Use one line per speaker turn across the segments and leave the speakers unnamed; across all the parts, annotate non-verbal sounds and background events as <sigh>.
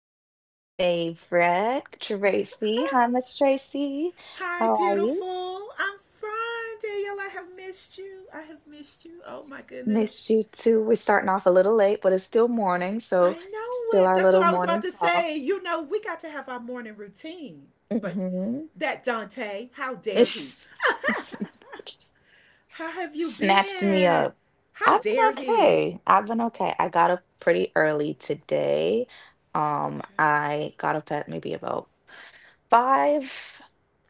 back with my favorite, Tracy.
<laughs>
Hi, Miss Tracy.
Hi,
How are you?
beautiful. I'm fine, Danielle. I have missed you. I have missed you. Oh my goodness.
Missed you too. We're starting off a little late, but it's still morning. So,
I know
still
it.
our
That's what
little
I was about
morning
to
talk.
say. You know, we got to have our morning routine. But
Hmm.
that Dante, how dare he?
<laughs>
How have you
Snatched me up.
been?
I've
How
been
dare he?
okay. I've been okay. I got up pretty early today.
Okay.
I got up at maybe about five.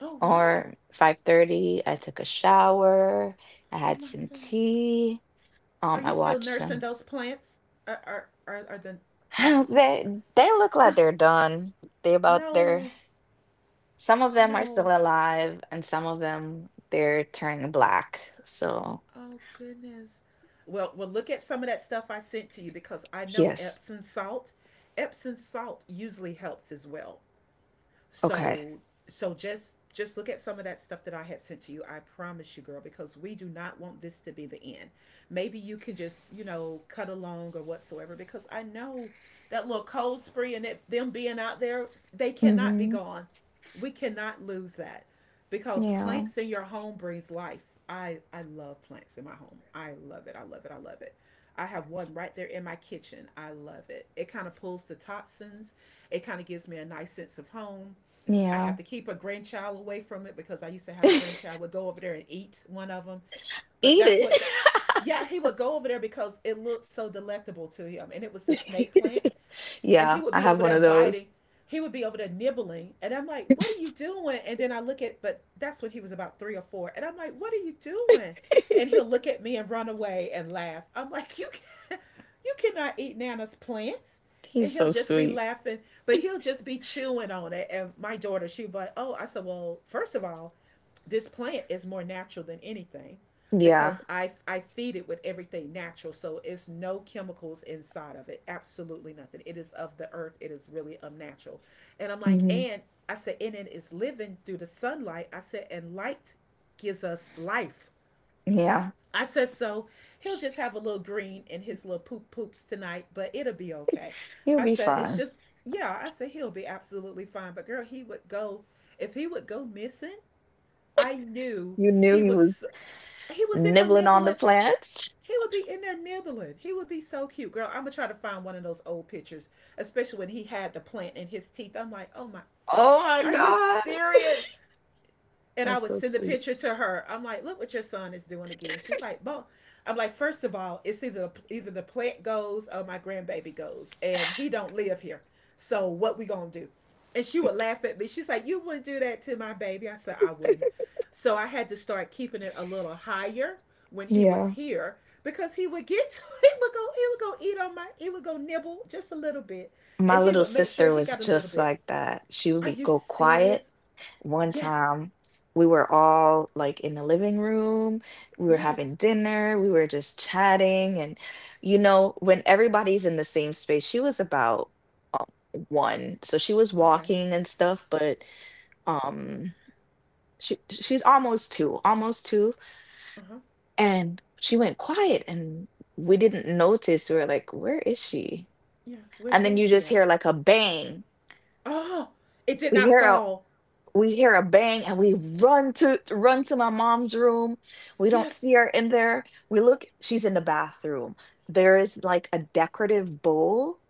Oh
Or
wow.
5:30 I took a shower. I
Oh
had
my
some
goodness.
tea.
Are
I
you still
watched
nursing
some.
those plants? Are the?
<laughs>
I,
<sighs> They look like
uh,
they're done. They about they're
no,
Some of them are still
no.
alive, and some of them they're turning black, so
Oh goodness. Well, look at some of that stuff I sent to you because I know
yes.
Epsom salt. Epsom salt usually helps as well.
Okay.
So so just look at some of that stuff that I had sent to you. I promise you, girl, because we do not want this to be the end. Maybe you can just, you know, cut along or whatsoever because I know that little cold spree and it, them being out there, they cannot be
Mm-hmm.
gone. We cannot lose that because
Yeah.
plants in your home brings life. I love plants in my home. I love it. I love it. I love it. I have one right there in my kitchen. I love it. It kind of pulls the toxins. It kind of gives me a nice sense of home. I
Yeah.
have to keep a grandchild away from it because I used to
<laughs>
have a
Eat
grandchild would go over there and eat one of them. But that's
it.
what, the, yeah, he would go over there because it looked so delectable to him, and it was the snake plant,
<laughs>
and he
Yeah,
would
I
be
have
over
one
there
of those.
biting. He would be over there nibbling, and I'm like, "What are you doing?" And then I look at, but that's when he was about three or four, and I'm like, "What are you doing?" And
<laughs>
he'll look at me and run away and laugh. I'm like, <laughs> "You can, you cannot eat Nana's plants." And
He's
he'll
so
just be
sweet.
laughing, but he'll just be chewing on it. And my daughter, she was like, "Oh," I said, "Well, first of all, this plant is more natural than anything
Yeah.
because I feed it with everything natural. So it's no chemicals inside of it. Absolutely nothing. It is of the earth. It is really unnatural. And I'm like,
Hmm.
and I said, and it is living through the sunlight. I said, and light gives us life.
Yeah,
I said, so he'll just have a little green in his little poop poops tonight, but it'll be okay.
you'll
I
be
said, it's
fine.
just, yeah, I said, he'll be absolutely fine. But girl, he would go, if he would go missing, I knew
You knew
he
he
was
was
he was in there
nibbling on the
nibbling.
plants.
He would be in there nibbling. He would be so cute, girl. I'm gonna try to find one of those old pictures, especially when he had the plant in his teeth. I'm like, oh my,
Oh my
are you
God.
serious? And I
That's
would
so
send the
sweet.
picture to her. I'm like, look what your son is doing again. She's like, well, I'm like, first of all, it's either the plant goes or my grandbaby goes, and he don't live here. So what we gonna do? And she would laugh at me. She's like, you wouldn't do that to my baby. I said, I wouldn't. So I had to start keeping it a little higher when he was
Yeah.
here because he would get <laughs> to it would go he would go eat on my he would go nibble just a little bit,
My
and he
little
would make sure
sister
he
was
got a little
just
bit.
like that. She would
Are
be
you
go quiet.
serious?
One
Yes.
time, we were all like in the living room. We were having
Yes.
dinner. We were just chatting. And, you know, when everybody's in the same space, she was about um, one. So she was
Okay.
walking and stuff, but um she's almost two, almost two.
Uh huh.
And she went quiet, and we didn't notice. We were like, "Where is she?"
Yeah. Where
And
where
then
is
you
she
just hear
at?
like a bang.
Oh, it did
We
not
hear a
fall.
we hear a bang, and we run to my mom's room. We don't
Yes.
see her in there. We look, she's in the bathroom. There is like a decorative bowl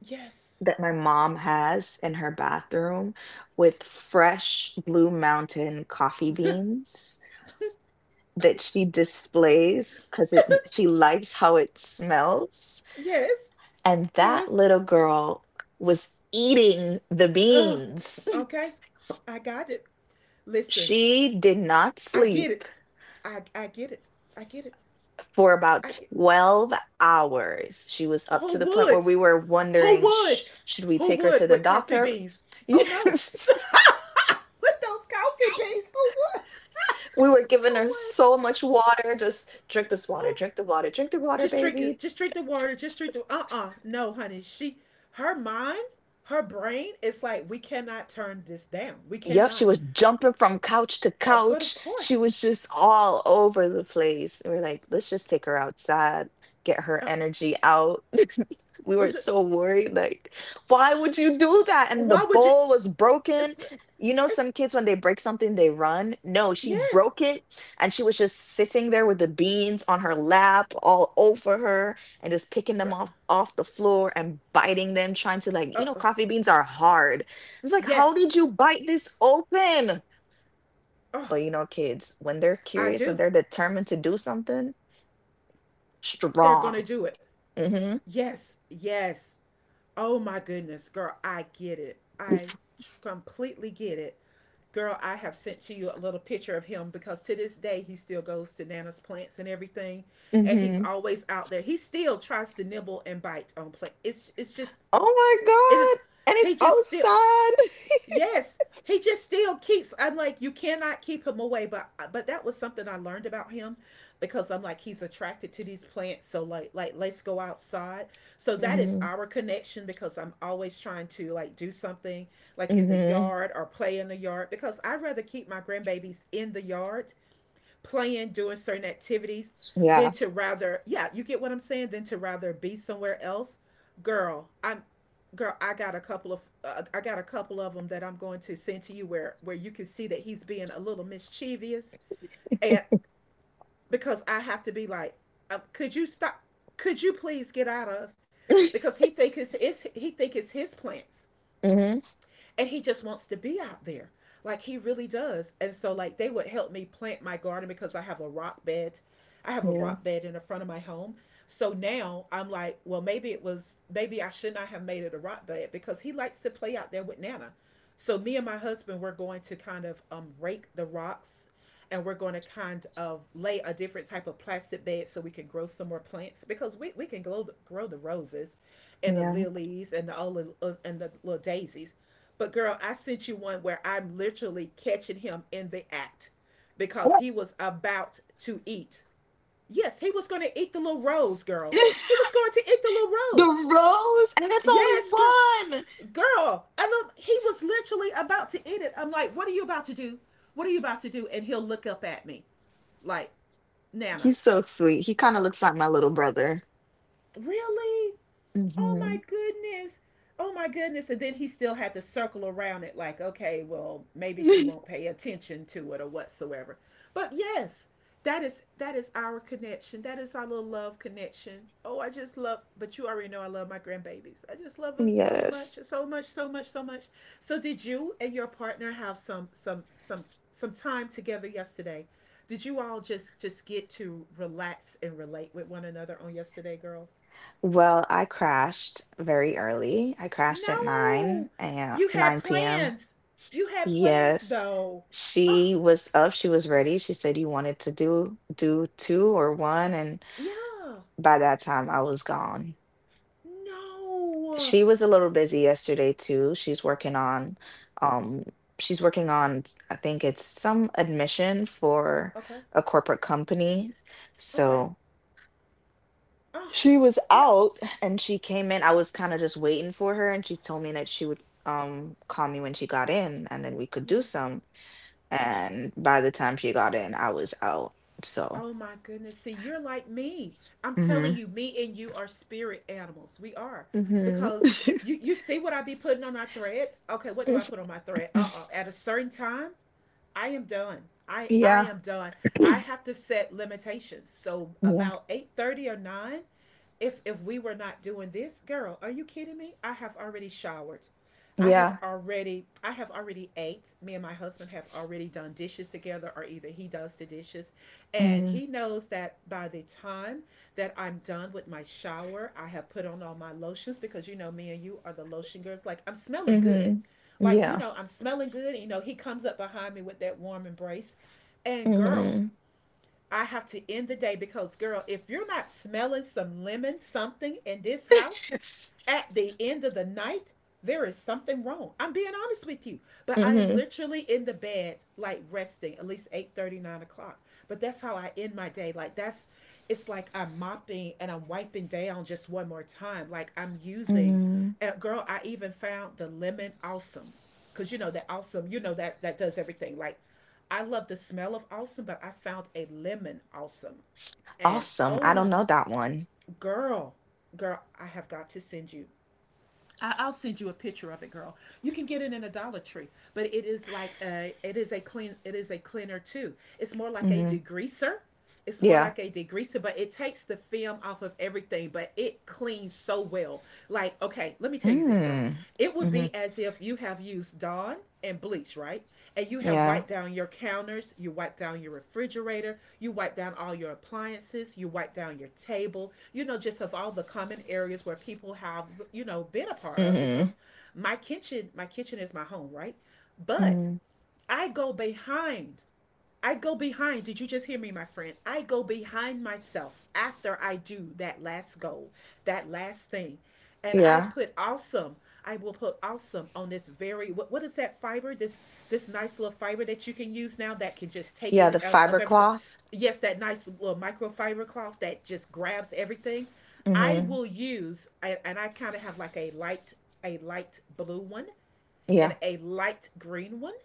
Yes.
that my mom has in her bathroom with fresh Blue Mountain coffee
<laughs>
beans that she displays because it she likes how it smells.
Yes.
And that
Yes.
little girl was eating the
Uh,
beans. <laughs>
okay. I got it. Listen,
She did not
I get
sleep
it. I get it. I get it.
for
I
about
get.
12 hours. She was up
Who
to the point where
would?
we were
Who
wondering, "Sh-
would?
should we
Who
take her to
would
the
with coffee
doctor?" <laughs>
beans? Oh no.
Yes.
<laughs> With those coffee beans, who would?
We were
<laughs>
giving
Who
her
would?
so much water, just drink this water,
Oh,
drink the water, drink the water,
just drink
baby.
it. Just drink the water. Just drink the. Uh, no, honey. She, her mind, her brain. It's like we cannot turn this down. We
Yep, she
cannot.
was jumping from couch to
But
couch.
of
She
course,
was just all over the place. We were like, let's just take her outside, get her
uh,
energy out. <laughs> We were
just,
so worried, like, why would you do that? And the
why would you?
bowl was broken.
It's,
You know,
it's
some kids, when they break something, they run. No, she
Yes,
broke it and she was just sitting there with the beans on her lap, all over her, and just picking them
girl.
off the floor and biting them, trying to like,
Uh, uh,
coffee beans are hard. It's like, how
yes.
did you bite this open?
Oh,
But, you know, kids, when they're
I
curious, when
do.
they're determined to do something,
They're
strong.
gonna do it.
Mm-hmm.
Yes, yes. Oh my goodness, girl, I get it. I completely get it. Girl, I have sent to you a little picture of him because to this day he still goes to Nana's plants and everything, and he's
Mm-hmm.
always out there. He still tries to nibble and bite on plant. It's just
Oh my
it is
God! And it's
he just still
outside. <laughs>
Yes, he just still keeps. I'm like, you cannot keep him away. But that was something I learned about him, because I'm like, he's attracted to these plants. So like let's go outside. So that is
Mm-hmm.
our connection because I'm always trying to like do something like in the
Mm-hmm.
yard or play in the yard because I'd rather keep my grandbabies in the yard playing, doing certain activities, than
Yeah.
to rather, yeah, you get what I'm saying, than to rather be somewhere else. Girl, I'm girl, I got a couple of I got a couple of them that I'm going to send to you where you can see that he's being a little mischievous, and because I have to be like, could you stop, could you please get out of,
<laughs>
because he think it's he think it's his plants,
Mm-hmm.
and he just wants to be out there like he really does. And so like they would help me plant my garden because I have a rock bed I have a
Yeah.
rock bed in the front of my home. So now I'm like, well, maybe it was, maybe I should not have made it a rock bed because he likes to play out there with Nana. So me and my husband were going to kind of rake the rocks, and we're going to kind of lay a different type of plastic bed so we can grow some more plants because we can grow the roses and the
Yeah.
lilies and and the little daisies. But girl, I sent you one where I'm literally catching him in the act because he was about to eat. Yes, he was going to eat the little rose, girl. He was going to eat the little
<laughs> The
rose.
rose, and it's only
Yes, girl.
one.
Girl, and look, he was literally about to eat it. I'm like, what are you about to do? What are you about to do? And he'll look up at me like, Nana,
He's so sweet. He kind of looks like my little brother.
really? Oh my
Hmm.
goodness. Oh my goodness. And then he still had to circle around it like, okay, well, maybe she won't
<laughs>
pay attention to it or whatsoever. But yes, that is our connection. That is our little love connection. Oh, I just love, but you already know I love my grandbabies. I just love them so much,
Yes.
so much, so much, so much. So did you and your partner have some time together yesterday? Did you all just get to relax and relate with one another on yesterday, girl?
Well, I crashed very early. I crashed at 9
No,
and
you had
9 p.m.
plans. You had plans
Yes.
though. Oh,
She was up, she was ready. She said you wanted to do two or one, and
yeah.
by that time I was gone.
No.
She was a little busy yesterday too. She's working on um she's working on, I think it's some admission for
Okay.
a corporate company.
Okay.
So,
Oh,
she was
yeah.
out and she came in. I was kind of just waiting for her and she told me that she would call me when she got in and then we could
Yeah.
do some. And by the time she got in, I was out. So,
Oh my goodness. See, you're like me. I'm telling
hmm.
you, me and you are spirit animals. We are.
Hmm.
Because
<laughs>
you see what I be putting on our thread? Okay, what do I put on my thread? Uh-uh. At a certain time, I am done. I
Yeah,
am done. I have to set limitations. So
yeah,
about 8:30 or 9, if we were not doing this, girl, are you kidding me? I have already showered. I have
yeah.
already I have already ate. Me and my husband have already done dishes together, or either he does the dishes, and
Hmm.
he knows that by the time that I'm done with my shower, I have put on all my lotions, because you know me and you are the lotion girls. Like, I'm smelling good.
Hmm.
Like, you
Yeah.
know, I'm smelling good, and you know he comes up behind me with that warm embrace, and girl,
Hmm.
I have to end the day because, girl, if you're not smelling some lemon something in this house at the end of the night, there is something wrong. I'm being honest with you. But I am
Hmm.
literally in the bed, like resting, at least 8:30, 9 o'clock. But that's how I end my day. Like, that's, it's like I'm mopping and I'm wiping down just one more time. Like, I'm using,
Hmm.
girl, I even found the lemon awesome. Cause you know that awesome, you know that that does everything. Like, I love the smell of awesome, but I found a lemon awesome. And
Awesome.
oh
I
my.
don't know that one.
Girl, Girl, I have got to send you. I'll send you a picture of it, girl. You can get it in a Dollar Tree, but it is like a it is a clean it is a cleaner too. It's more like a
Hmm.
degreaser. It's more
Yeah.
like a degreaser, but it takes the film off of everything, but it cleans so well. Like, okay, let me tell you this, girl. It would
Mm-hmm.
be as if you have used Dawn and bleach, right? And you have
Yeah.
wiped down your counters, you wiped down your refrigerator, you wiped down all your appliances, you wiped down your table, you know, just of all the common areas where people have, you know, been a part of because
Hmm.
my kitchen is my home, right? But
Hmm.
I go behind I go behind. Did you just hear me, my friend? I go behind myself after I do that last goal, that last thing. And I
Yeah.
put awesome. I will put awesome on this very what is that fiber? This nice little fiber that you can use now that can just take
Yeah,
in
the
of,
fiber
of everything.
cloth.
Yes, that nice little microfiber cloth that just grabs everything. I
Mhm.
will use and I kind of have like a light blue one and
Yeah.
a light green one.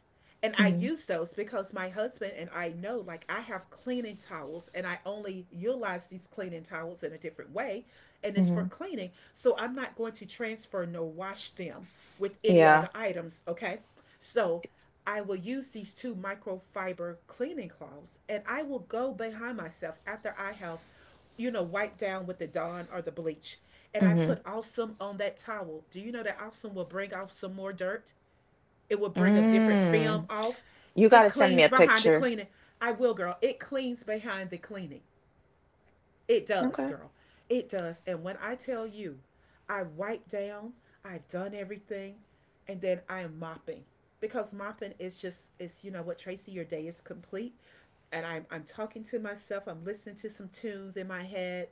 And I
Mhm.
use those because my husband and I know, like, I have cleaning towels and I only utilize these cleaning towels in a different way, and it's for
Mhm.
cleaning. So I'm not going to transfer nor wash them with any
Yeah.
other items, okay? So I will use these two microfiber cleaning cloths and I will go behind myself after I have, you know, wiped down with the Dawn or the bleach. And I
Mhm.
put Awesome on that towel. Do you know that Awesome will bring off some more dirt? It will bring a different film
Mm.
off.
You got
It
to send me
cleans
a
behind the
picture.
cleaning. I will, girl. It cleans behind the cleaning. It does,
Okay.
girl. It does. And when I tell you, I wipe down, I've done everything, and then I am mopping. Because mopping is just it's you know what, Tracy, your day is complete. And I'm talking to myself, I'm listening to some tunes in my head,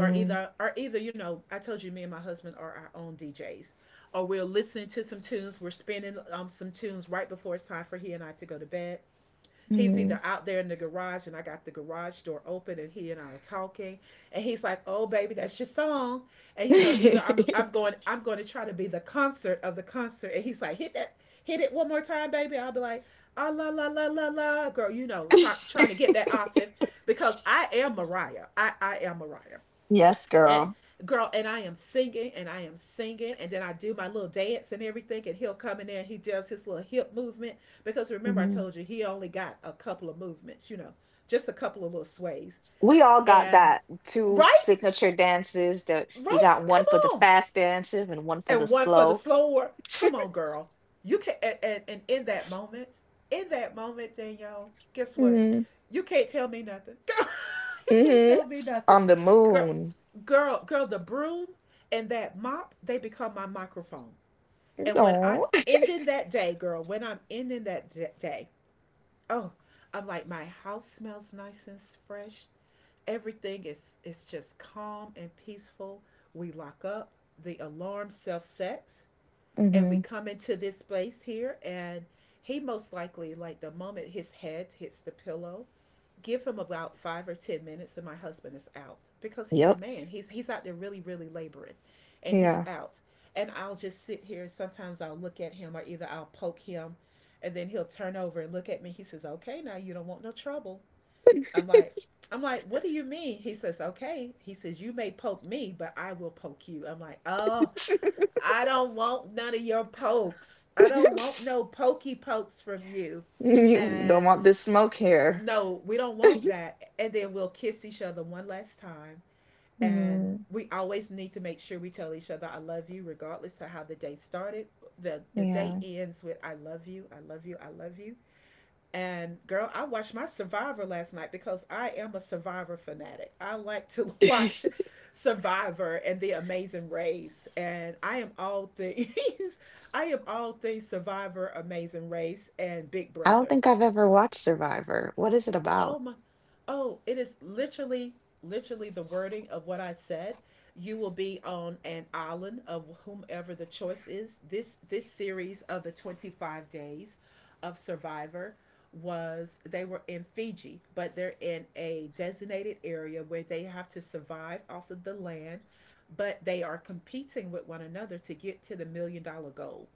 or either, you know, I told you me and my husband are our own DJs, or we'll listen to some tunes. We're spinning some tunes right before it's time for he and I to go to bed. He's
Mhm.
either out there in the garage and I got the garage door open, and he and I are talking, and he's like, oh baby, that's your song. And you know, either i'm, I'm
<laughs>
going i'm going to try to be the concert of the concert, and he's like, hit that, hit it one more time, baby. I'll be like, ah la la la la la, girl, you know, trying to get that octave,
<laughs>
because I am Mariah, I am Mariah.
Yes,
And
girl.
girl, and I am singing and I am singing, and then I do my little dance and everything, and he'll come in there and he does his little hip movement. Because remember, I
Mhm.
told you he only got a couple of movements, you know, just a couple of little sways.
We all got
And
that two
right?
signature dances that you
Right?
got one
Come
for the
on,
fast dances and one for the
and one for the
slow.
slower.
<laughs>
Come on, girl. You can and in that moment, Danielle, guess what?
Mhm.
You can't tell me nothing. Girl, <laughs> you can't
Mhm.
tell me nothing.
On the
Girl,
moon.
girl, the broom and that mop, they become my microphone. And when I'm
No. <laughs>
ending that day, girl, when I'm ending that day, oh, I'm like, my house smells nice and fresh. Everything is just calm and peaceful. We lock up. The alarm self sets and we
Mhm.
come into this place here, and he most likely, like, the moment his head hits the pillow, give him about 5 or 10 minutes and my husband is out, because he's a
Yep.
man, he's out there really, really laboring. And he's
Yeah.
out, and I'll just sit here, and sometimes I'll look at him or either I'll poke him. And then he'll turn over and look at me. He says, okay, now you don't want no trouble. I'm like i'm like, what do you mean? He says, okay, he says, you may poke me, but I will poke you. I'm like, oh, I don't want none of your pokes. I don't want no
<laughs>
pokey pokes from you.
<laughs> You don't
And
want this smoke here. <laughs>
no, we don't want that. And then we'll kiss each other one last time. And
Mm,
we always need to make sure we tell each other I love you, regardless of how the day started. The day
yeah.
ends with I love you, I love you, I love you. And girl, I watched my Survivor last night because I am a Survivor fanatic. I like to <laughs>
I
watch Survivor and The Amazing Race, and I am all things. <laughs> I am all things Survivor, Amazing Race, and Big
don't
Brother.
think I've ever watched Survivor. What is it about?
Oh my, oh, it is literally, literally the wording of what I said. You will be on an island of whomever the choice is. This series of the 25 days of Survivor was, they were in Fiji, but they're in a designated area where they have to survive off of the land, but they are competing with one another to get to the million dollar goal.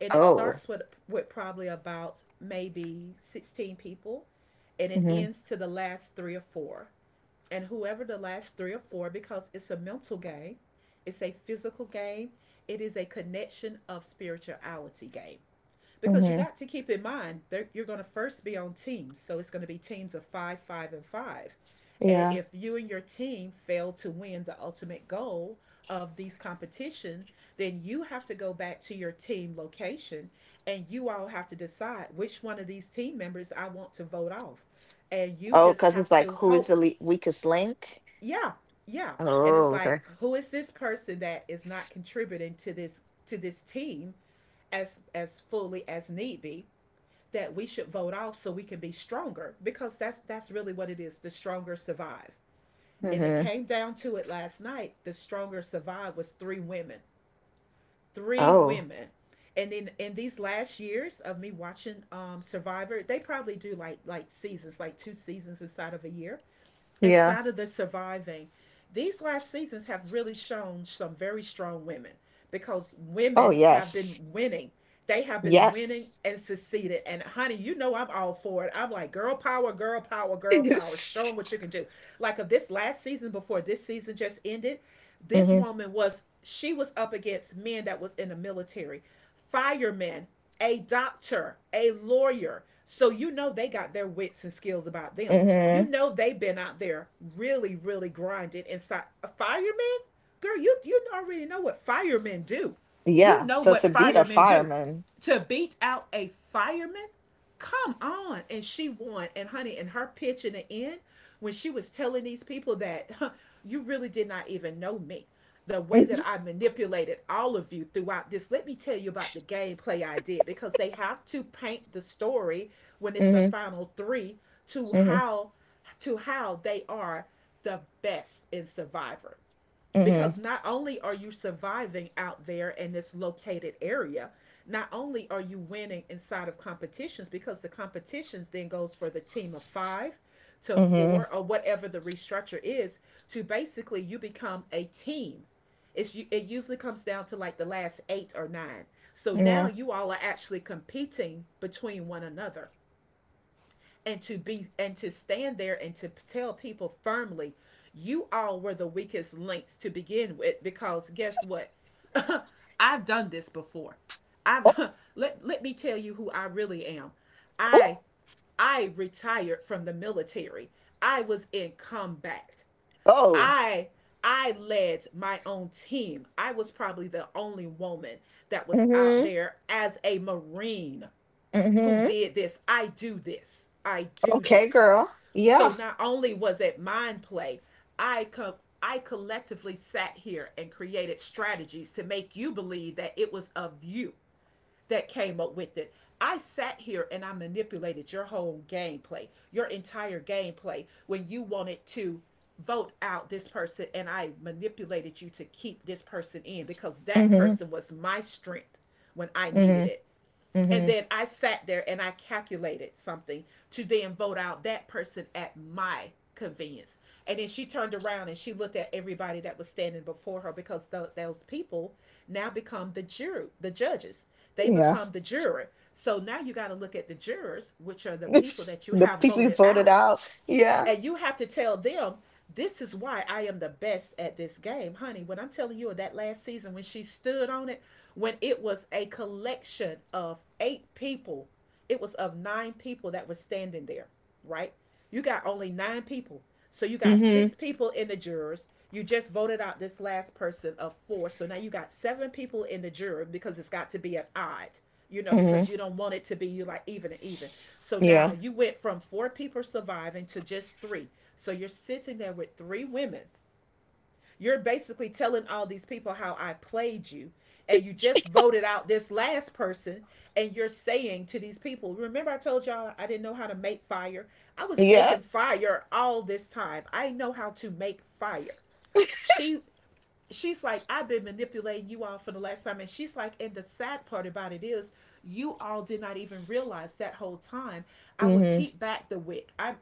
And it
Oh.
starts with probably about maybe 16 people, and it
Hmm.
ends to the last three or four. And whoever the last three or four, because it's a mental game, it's a physical game, it is a connection of spirituality game. Because you
Hmm.
got to keep in mind that you're going to first be on teams, so it's going to be teams of five, five and five. And
Yeah.
if you and your team fail to win the ultimate goal of these competition, then you have to go back to your team location, and you all have to decide which one of these team members I want to vote off. And you
Oh,
just
because
have
it's like,
to
who is
hope.
the le weakest link?
Yeah, yeah. And it's
Oh, okay.
like, who is this person that is not contributing to this, to this team as fully as need be, that we should vote off so we can be stronger? Because that's really what it is. The stronger survive. And it
Hmm.
came down to it last night, the stronger survive was three women, three
Oh,
women. And then in these last years of me watching Survivor, they probably do like seasons, like two seasons inside of a year.
yeah.
Outside of the surviving, these last seasons have really shown some very strong women, because
Oh,
women have been
yes.
winning. They have been winning
Yes. <laughs>
and succeeded. And honey, you know I'm all for it. I'm like, girl power, girl power, girl power. Show 'em what you can do. Like, of this last season before this season just ended, this
Hmm.
woman was, she was up against men that was in the military, fireman, a doctor, a lawyer. So you know they got their wits and skills about them. You
Hmm.
know they've been out there really, really grinding. Inside a fireman? Girl, you already know what firemen do. You
Yeah.
know
So to
what
beat a
firemen do.
fireman.
To beat out a fireman, come on. And she won. And honey, and her pitch in the end, when she was telling these people that, <laughs> huh, you really did not even know me, the way that
Hmm.
I manipulated all of you throughout this, let me tell you about the gameplay I did. Because they have to paint the story when it's the
Hmm.
final three, to how, to how they are the best in Survivor. Because
Hmm.
not only are you surviving out there in this located area, not only are you winning inside of competitions, because the competitions then goes for the team of five to
Hmm.
four or whatever the restructure is, to basically you become a team. It usually comes down to like the last eight or nine. So now
Yeah.
you all are actually competing between one another. And to be and to stand there and to tell people firmly, you all were the weakest links to begin with, because guess what, <laughs> I've done this before.
Oh,
I've <laughs> let me tell you who I really am. i
oh,
i retired from the military, I was in combat.
oh.
I i led my own team, I was probably the only woman that was out
Hmm.
there as a marine who
Hmm.
did this. I do this. I do
Okay,
this.
girl.
So
Yeah.
not only was it mind play, I come I collectively sat here and created strategies to make you believe that it was of you that came up with it. I sat here and I manipulated your whole gameplay, your entire gameplay, when you wanted to vote out this person, and I manipulated you to keep this person in because that
Hmm.
person was my strength when I needed
Hmm.
it. And
Hmm.
then I sat there and I calculated something to then vote out that person at my convenience. And then she turned around and she looked at everybody that was standing before her because those people now become the jury, the judges. They
Yeah.
become the jury. So now you got to look at the jurors, which are the people that
<laughs>
you
The
have
people you
voted
voted
out
out. Yeah.
and you have to tell them, this is why I am the best at this game, honey. When I'm telling you that last season when she stood on it, when it was a collection of eight people, it was of nine people that were standing there, right? You got only nine people. So you got
Hmm.
six people in the jurors. You just voted out this last person of four. So now you got seven people in the jury because it's got to be an odd,
Hmm.
because you don't want it to be you like even and even. So now
Yeah.
you went from four people surviving to just three. So you're sitting there with three women. You're basically telling all these people how I played you, and you just voted out this last person, and you're saying to these people, remember, I told y'all I didn't know how to make fire? I was
Yeah.
making fire all this time. I know how to make fire. She she's like, I've been manipulating you all for the last time. And she's like, and the sad part about it is, you all did not even realize that whole time. I would
Hmm.
keep back the wick. I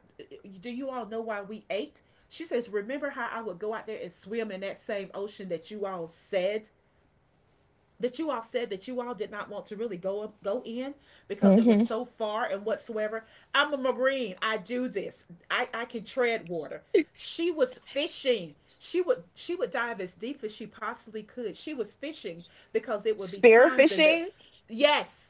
Do you all know why we ate? She says, remember how I would go out there and swim in that same ocean that you all said that you all did not want to really go up, go in because it was
Hmm.
so far and whatsoever. I'm a marine. I do this. I can tread water. She was fishing. She would dive as deep as she possibly could. She was fishing because it would be times and there.
Spearfishing.
Yes,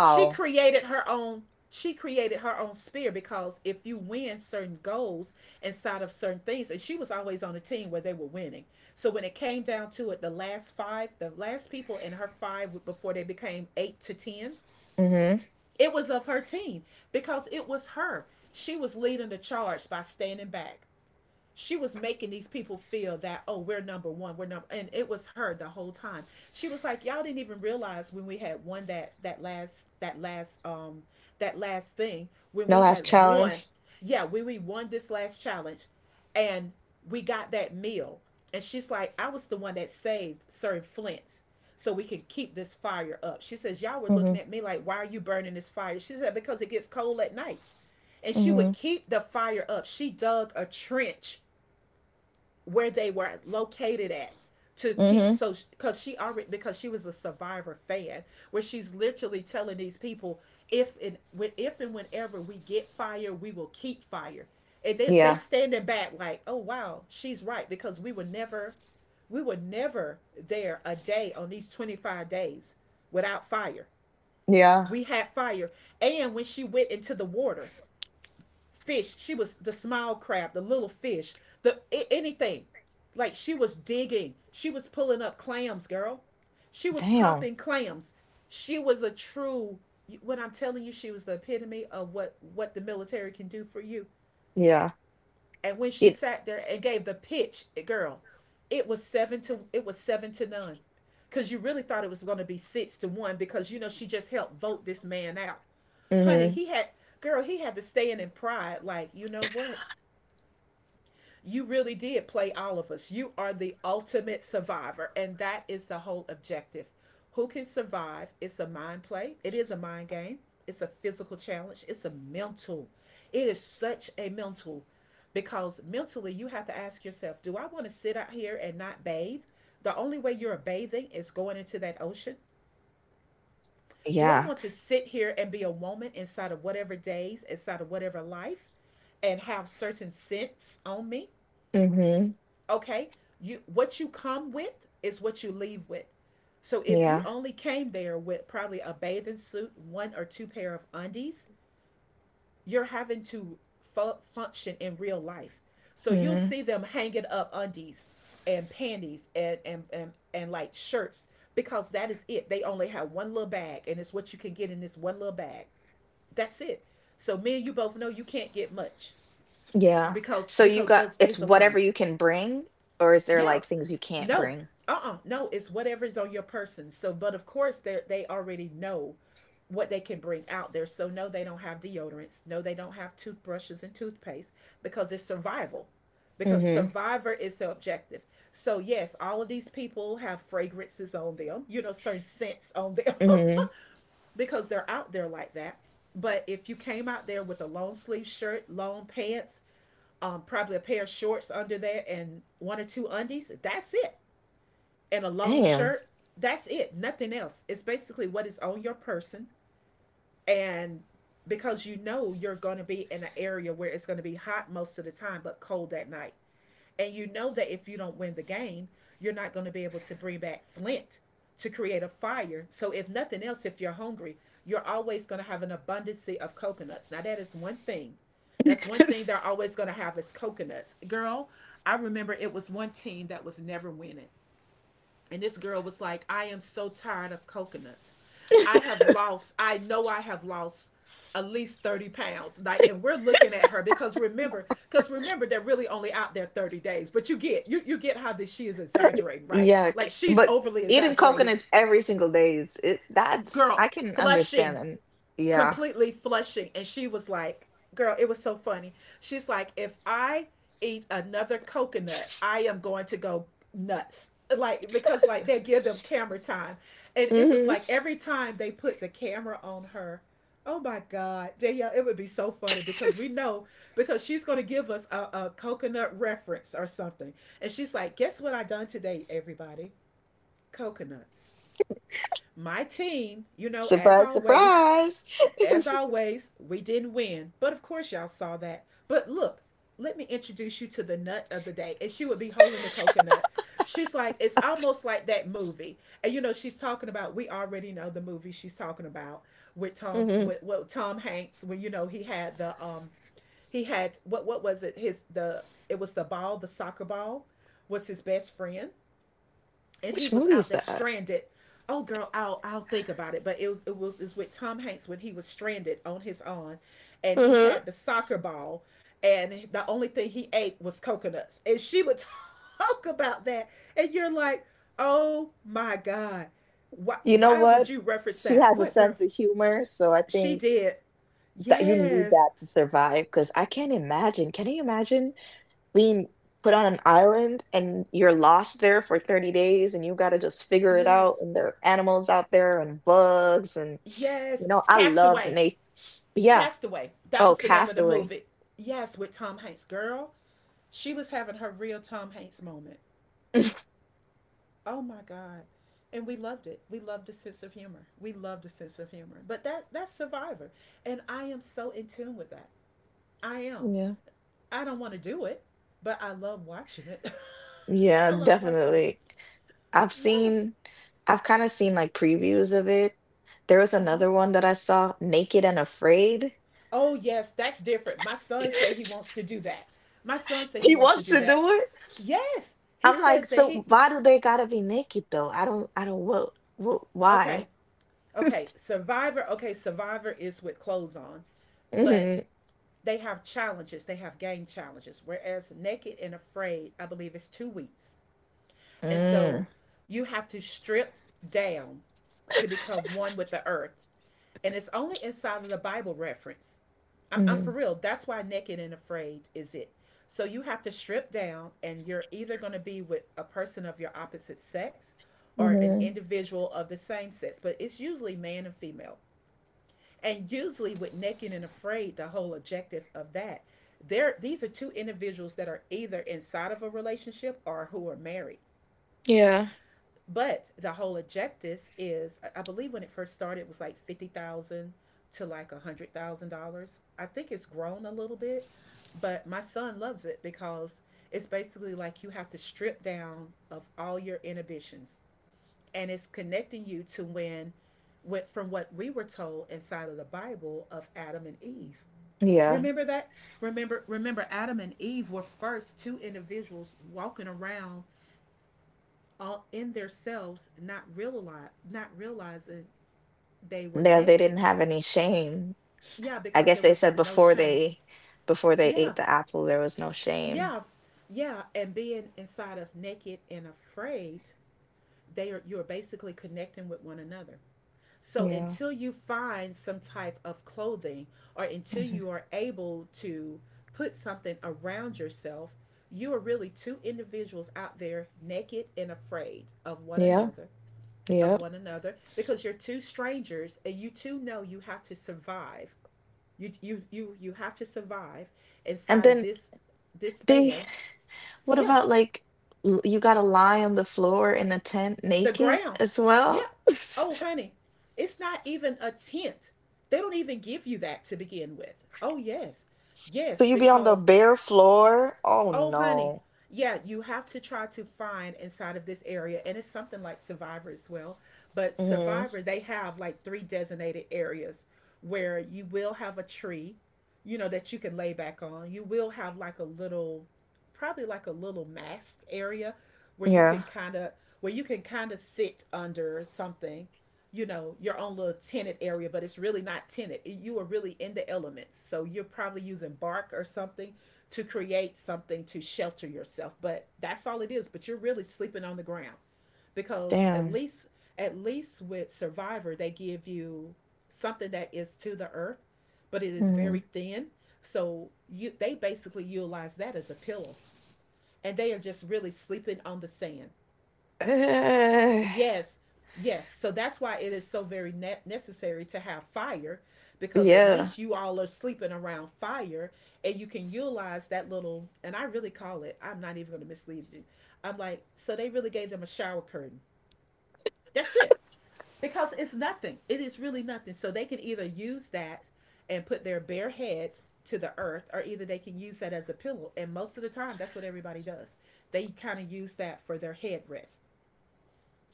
she created her own she created her own sphere, because if you win certain goals inside of certain things, and she was always on a team where they were winning. So when it came down to it, the last five, the last people in her five before they became eight to ten,
Hmm.
it was of her team because it was her. She was leading the charge by standing back. She was making these people feel that, oh, we're number one, we're number, and it was her the whole time. She was like, y'all didn't even realize when we had won that last thing when
No
we
last
had won.
challenge.
Yeah, we won this last challenge, and we got that meal. And she's like, I was the one that saved sir flint's, so we can keep this fire up. She says, y'all were looking
Hmm.
at me like, why are you burning this fire? She said, because it gets cold at night. And she would
Hmm.
keep the fire up. She dug a trench where they were located at to keep,
Hmm.
so because she already because she was a survivor fan, where she's literally telling these people, if and whenever we get fire, we will keep fire. And they
Yeah.
standing back like, oh wow, she's right, because we were never there a day on these 25 days without fire.
Yeah.
We had fire. And when she went into the water, fish. She was the small crab, the little fish, the anything. Like, she was digging. She was pulling up clams, girl. She was
Damn.
popping clams. She was a true. When I'm telling you, she was the epitome of what the military can do for you.
Yeah.
And when she
It.
sat there and gave the pitch, eh, girl, it was seven to none, because you really thought it was going to be 6-1, because you know she just helped vote this man out, honey.
Hmm.
He had Girl, he had to stay in pride. Like, you know what, you really did play all of us. You are the ultimate survivor, and that is the whole objective. Who can survive? It's a mind play, it is a mind game, it's a physical challenge, it's a mental. It is such a mental, because mentally you have to ask yourself, do I want to sit out here and not bathe? The only way you're bathing is going into that ocean. Do I
Yeah.
want to sit here and be a woman inside of whatever days, inside of whatever life, and have certain scents on me?
Hmm.
Okay? You What you come with is what you leave with. So if you
Yeah.
only came there with probably a bathing suit, one or two pair of undies, you're having to function in real life. So you'll
Hmm.
see them hanging up undies and panties and like shirts, because that is it. They only have one little bag and it's what you can get in this one little bag. That's it. So me and you both know you can't get much,
Yeah.
because
So you got
those
it's
days alone.
whatever you can bring, or is there
Yeah,
like things you can't
no.
bring?
Uh-uh, no, it's whatever is on your person. So but of course they already know what they can bring out there. So no, they don't have deodorants. No, they don't have toothbrushes and toothpaste, because it's survival, because
Mhm.
survivor is the objective. So yes, all of these people have fragrances on them, certain scents on them,
Mhm.
<laughs> because they're out there like that. But if you came out there with a long sleeve shirt, long pants, probably a pair of shorts under there and one or two undies, that's it, and a long
Damn.
shirt. That's it. Nothing else. It's basically what is on your person. And because you know you're going to be in an area where it's going to be hot most of the time, but cold at night. And you know that if you don't win the game, you're not going to be able to bring back flint to create a fire. So, if nothing else, if you're hungry, you're always going to have an abundance of coconuts. Now, that is one thing. That's one thing
<laughs>
they're always going to have is coconuts. Girl, I remember it was one team that was never winning. And this girl was like, I am so tired of coconuts. I know I have lost at least 30 pounds. Like, and we're looking at her, because, remember, they're really only out there 30 days. But you get how this she is exaggerating, right?
Yuck.
Like she's
But
overly
eating
exaggerated.
coconuts every single day is it, that's
Girl,
I can
flushing,
understand them. Yeah.
completely flushing. And she was like, girl, it was so funny. She's like, if I eat another coconut, I am going to go nuts. Like, because like they give them camera time. And it was
Hmm.
like every time they put the camera on her, oh my God, Danielle, it would be so funny because we
<laughs>
know because she's going to give us a coconut reference or something. And she's like, guess what I done today, everybody? Coconuts. My team, you know, as
Surprise,
always,
surprise.
as
<laughs>
always, we didn't win, but of course y'all saw that. But look, let me introduce you to the nut of the day. And she would be holding the coconut. She's like, it's almost like that movie. And you know, she's talking about, we already know the movie she's talking about, with Tom
Hmm.
with Tom Hanks, when you know he had the, he had what was it, his the, it was the ball, the soccer ball was his best friend, and he
Which
was
movie
out
is
there
that?
stranded. Oh girl, I'll think about it. But it was is with Tom Hanks when he was stranded on his own, and he
Hmm.
had the soccer ball, and the only thing he ate was coconuts. And she would <laughs> talk about that, and you're like, oh my god, why
You know
why would
what?
you reference
She
that?
has a
What, girl?
sense of humor, so I
She
think
did.
that you need
Yes,
that to survive. Because I can't imagine. Can you imagine? Being put on an island and you're lost there for 30 days and you got to just figure it out
yes,
and there are animals out there and bugs and, you
yes.
know, I loved
Castaway,
Nate. Yeah.
Castaway. That
Oh,
was the name of the
Castaway.
movie. Yes, with Tom Hanks, girl. She was having her real Tom Hanks moment. Oh my God. And we loved it. We loved the sense of humor. We loved the sense of humor. But that's Survivor. And I am so in tune with that. I am.
Yeah.
I don't want to do it, but I love watching it. <laughs>
Yeah,
I love watching it.
definitely. I've
Yes.
seen I've kind of seen like previews of it. There was
Uh-huh.
another one that I saw, Naked and Afraid.
Oh yes, that's different. My son said he wants
<laughs>
to do that. My son said he
He
wants to
wants
do
to
that.
do it.
Yes. He
I'm like,
says that
so
he.
why do they gotta be naked though? I don't, what,
Okay.
why? <laughs>
Okay, Survivor. Okay, Survivor is with clothes on, but
Hmm.
they have game challenges. Whereas Naked and Afraid, I believe, it's 2 weeks. And
Mm.
so you have to strip down to become one with the earth. And it's only inside of the Bible reference. I'm for
Mhm.
real. That's why Naked and Afraid is it. So you have to strip down, and you're either going to be with a person of your opposite sex or an
Mhm.
individual of the same sex, but it's usually man and female. And usually with Naked and Afraid, the whole objective of that, there these are two individuals that are either inside of a relationship or who are married.
Yeah.
But the whole objective is, believe when it first started, it was like $50,000 to like $100,000. I think it's grown a little bit, but my son loves it because it's basically like you have to strip down of all your inhibitions and it's connecting you to when went from what we were told inside of the Bible of Adam and Eve.
Yeah.
Remember that? Remember Adam and Eve were first two individuals walking around all in themselves not realizing they were
Yeah, they didn't
naked.
have any shame.
Yeah,
I
because
guess
it
they
was
said
of no
before
shame.
they before they
Yeah.
ate the apple, there was no shame.
Yeah. Yeah, and being inside of Naked and Afraid, they are you're basically connecting with one another. So
Yeah.
until you find some type of clothing or until
Mhm.
you are able to put something around yourself, you are really two individuals out there naked and afraid
Yeah.
of
Yeah.
one another because you're two strangers and you two know you have to survive. You have to survive
And
inside of
then
this
they
span.
what
Yeah,
about like you gotta lie on the floor in the tent
the
naked
ground.
as
Yeah.
well? <laughs>
Oh, honey, it's not even a tent. They don't even give you that to begin with. Oh, yes.
So
Yes,
you be on the
because
bare floor? Oh
oh honey,
no.
yeah, you have to try to find inside of this area, and it's something like Survivor as well, but
Hmm.
Survivor, they have like three designated areas where you will have a tree, you know, that you can lay back on. You will have like a little, probably like a little mask area where you
Yeah.
can kind of, sit under something. You know, your own little tented area, but it's really not tented. You are really in the elements, so you're probably using bark or something to create something to shelter yourself. But that's all it is. But you're really sleeping on the ground because at
Damn.
least, at least with Survivor they give you something that is to the earth, but it is very
Mhm.
thin. So you they basically utilize that as a pillow. And they are just really sleeping on the sand.
Ugh.
Yes, yes. So that's why it is so very necessary to have fire,
<sighs>
because at
Yeah.
least you all are sleeping around fire and you can utilize that little, and I really call it, I'm not even going to mislead you. I'm like, so they really gave them a shower curtain. That's it. Because it's nothing. It is really nothing. So they can either use that and put their bare head to the earth, or either they can use that as a pillow. And most of the time, that's what everybody does. They kind of use that for their headrest,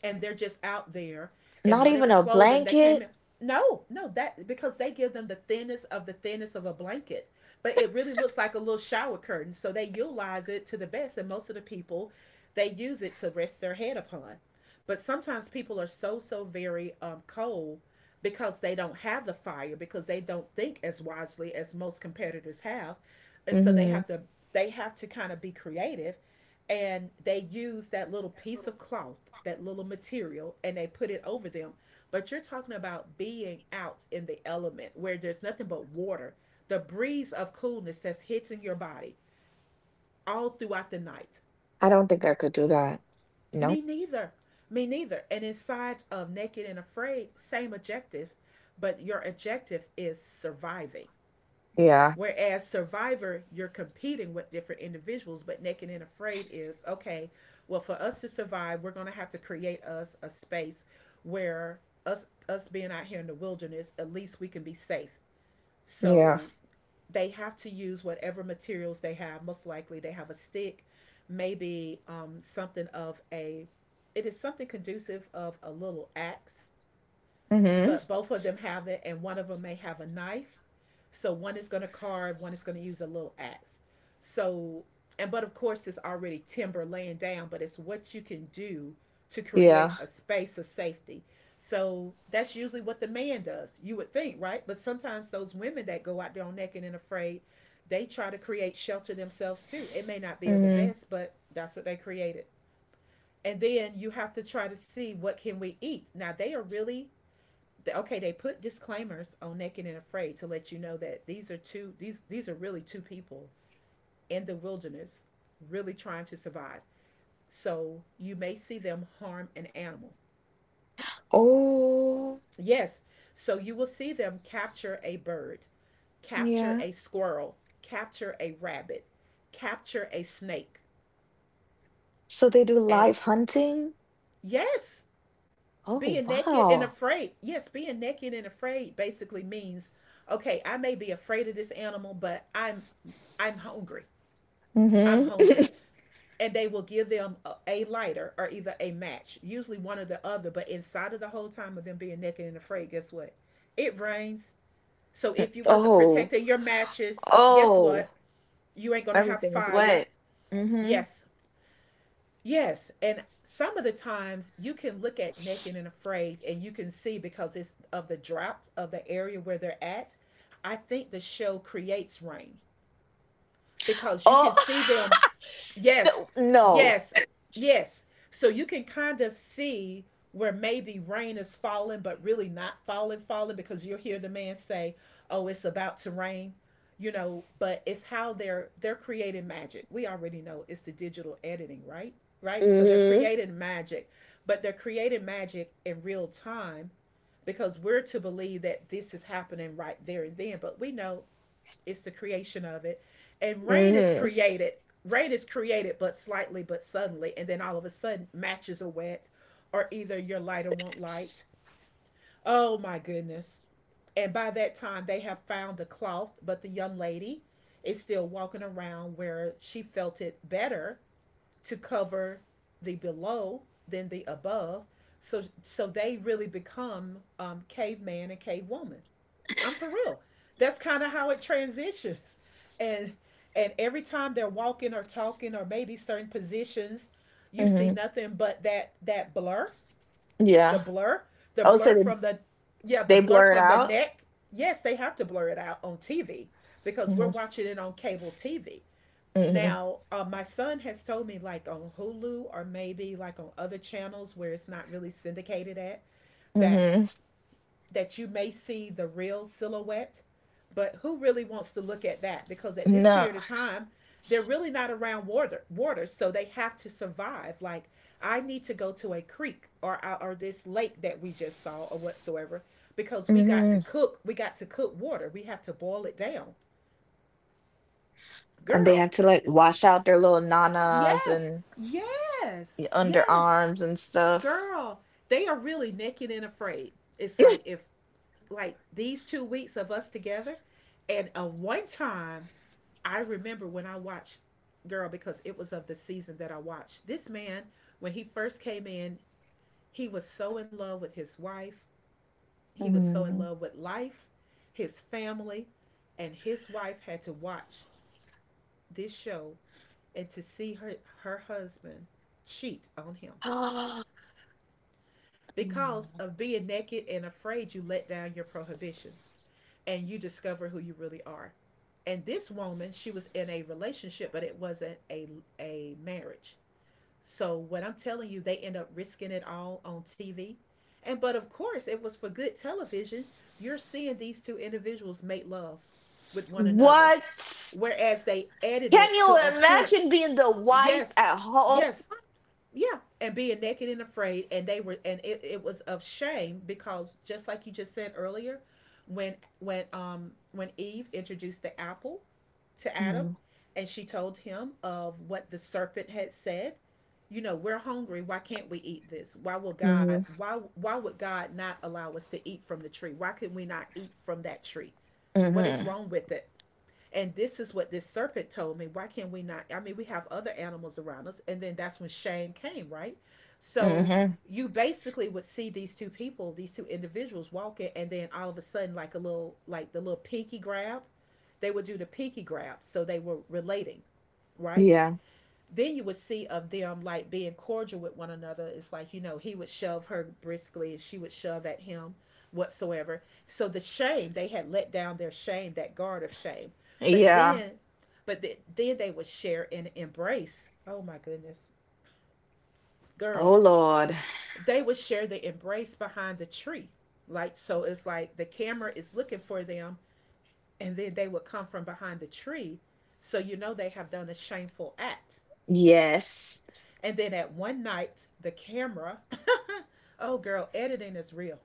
and they're just out there and
Not even
whatever
a
clothing they came
blanket.
in. No, no, that, because they give them the thinnest of a blanket, but it really looks like a little shower curtain. So they utilize it to the best, and most of the people, they use it to rest their head upon. But sometimes people are so very cold, because they don't have the fire, because they don't think as wisely as most competitors have, and so they have
Mhm.
to, kind of be creative, and they use that little piece of cloth, that little material, and they put it over them. But you're talking about being out in the element where there's nothing but water, the breeze of coolness that's hitting your body all throughout the night.
I don't think I could do that. Nope.
Me neither. Me neither. And inside of Naked and Afraid, same objective, but your objective is surviving.
Yeah.
Whereas Survivor, you're competing with different individuals, but Naked and Afraid is okay, well, for us to survive, we're going to have to create us a space where us being out here in the wilderness, at least we can be safe.
Yeah.
So they have to use whatever materials they have. Most likely, they have a stick, maybe something of a. It is something conducive of a little axe,
Mhm.
but both of them have it, and one of them may have a knife. So one is going to carve, one is going to use a little axe. So, and but of course, it's already timber laying down, but it's what you can do to create
Yeah.
a space of safety. So that's usually what the man does, you would think, right? But sometimes those women that go out there on Naked and Afraid, they try to create shelter themselves too. It may not be of the
Mhm.
best, but that's what they created. And then you have to try to see what can we eat. Now they are really, okay, they put disclaimers on Naked and Afraid to let you know that these are really two people in the wilderness really trying to survive. So you may see them harm an animal.
Oh,
Yes. So you will see them capture a bird, capture
yeah.
a squirrel, capture a rabbit, capture a snake.
So they do
And
live hunting?
yes,
Oh,
being naked and
wow.
afraid, being naked and afraid basically means, okay, I may be afraid of this animal, but I'm hungry, I'm
Mhm.
hungry.
<laughs>
And they will give them a lighter or either a match, usually one or the other, but inside of the whole time of them being naked and afraid, guess what, it rains. So if you wasn't
Oh.
protecting your matches, guess
Oh.
what, you ain't gonna have
Everything's
fire.
wet. Mhm.
Yes. Yes, and some of the times you can look at Naked and Afraid and you can see, because it's of the drought of the area where they're at, I think the show creates rain because you can
Oh.
see them. Yes,
<laughs> No.
yes, yes. So you can kind of see where maybe rain is falling, but really not falling, falling, because you'll hear the man say, "Oh, it's about to rain," you know. But it's how they're creating magic. We already know it's the digital editing, right? Right. So they're
Mhm.
creating magic, but they're creating magic in real time because we're to believe that this is happening right there and then. But we know it's the creation of it and rain is
Mhm.
created, but slightly, but suddenly, and then all of a sudden matches are wet, or either your lighter won't light.
S-
Oh my goodness. And by that time they have found the cloth, but the young lady is still walking around where she felt it better to cover the below than the above. So they really become caveman and cavewoman. I'm for real. That's kind of how it transitions. And and every time they're walking or talking or maybe certain positions, you see
Mhm.
nothing but that blur, the
Yeah.
blur, the
I would say
blur
they
from the, yeah, the
they
blur
blur it
from the
out.
neck. Yes, they have to blur it out on TV because we're
Mhm.
watching it on cable TV.
Mhm.
Now, my son has told me like on Hulu or maybe like on other channels where it's not really syndicated at, that
Mhm.
that you may see the real silhouette. But who really wants to look at that? Because at this
No.
period of time, they're really not around water, water, so they have to survive. Like I need to go to a creek or this lake that we just saw or whatsoever, because we got to
Mhm.
cook. We got to cook water. We have to boil it down,
And they
girl.
have to like wash out their little nanas
Yes,
and
yes, yes,
underarms and stuff.
girl. They are really naked and afraid. It's like if like these two weeks of us together and of one time, I remember when I watched, girl, because it was of the season that I watched this man. When he first came in, he was so in love with his wife, he was so in
Hmm.
love with life, his family. And his wife had to watch this show and to see her, her husband cheat on him.
<gasps>
Because of
<laughs>
being naked and afraid, you let down your prohibitions and you discover who you really are. And this woman, she was in a relationship, but it wasn't a marriage. So what I'm telling you, they end up risking it all on TV. And but of course, it was for good television. You're seeing these two individuals make love with one another,
What?
whereas they
Can
edited to a
you
point.
imagine being the wife
Yes,
at home?
yes, yeah. And being naked and afraid, and they were, and it was of shame, because just like you just said earlier, when when Eve introduced the apple to Adam,
Hmm.
and she told him of what the serpent had said. You know, we're hungry. Why can't we eat this? Why will God,
Hmm.
why would God not allow us to eat from the tree? Why can we not eat from that tree? What is
Hmm.
wrong with it? And this is what this serpent told me, why can't we not, I mean, we have other animals around us. And then that's when shame came, right? So
Hmm.
you basically would see these two people, these two individuals walking, and then all of a sudden, like a little, like the little pinky grab. They would do the pinky grab, so they were relating, right?
Yeah.
Then you would see of them like being cordial with one another. It's like, you know, he would shove her briskly and she would shove at him whatsoever. So the shame, they had let down their shame, that guard of shame. But
Yeah.
then, then they would share an embrace. Oh my goodness, girl,
Oh Lord.
they would share the embrace behind the tree. Like, so it's like the camera is looking for them, and then they would come from behind the tree. So you know they have done a shameful act.
Yes.
And then at one night, the camera, oh, girl, editing is real.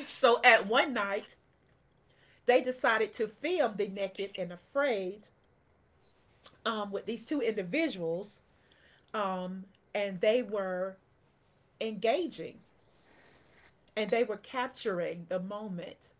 So at one night, they decided to film the Naked and Afraid, with these two individuals, um, and they were engaging, and they were capturing the moment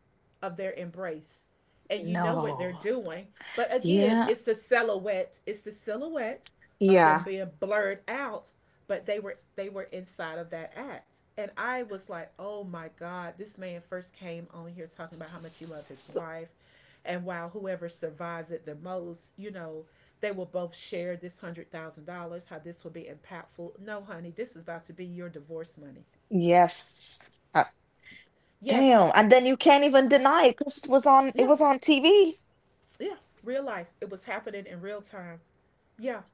of their embrace, and you know what they're
No.
doing. But again,
Yeah.
it's the silhouette, it's the silhouette of them
Yeah.
being blurred out. But they were, they were inside of that act. And I was like, oh my God, this man first came on here talking about how much he loved his wife. And while whoever survives it the most, you know, they will both share this $100,000. How this will be impactful? No, honey, this is about to be your divorce money.
Yes. Uh,
Yes,
Damn. And then you can't even deny it because it was on. It
yeah.
was on TV.
Yeah, real life. It was happening in real time. Yeah,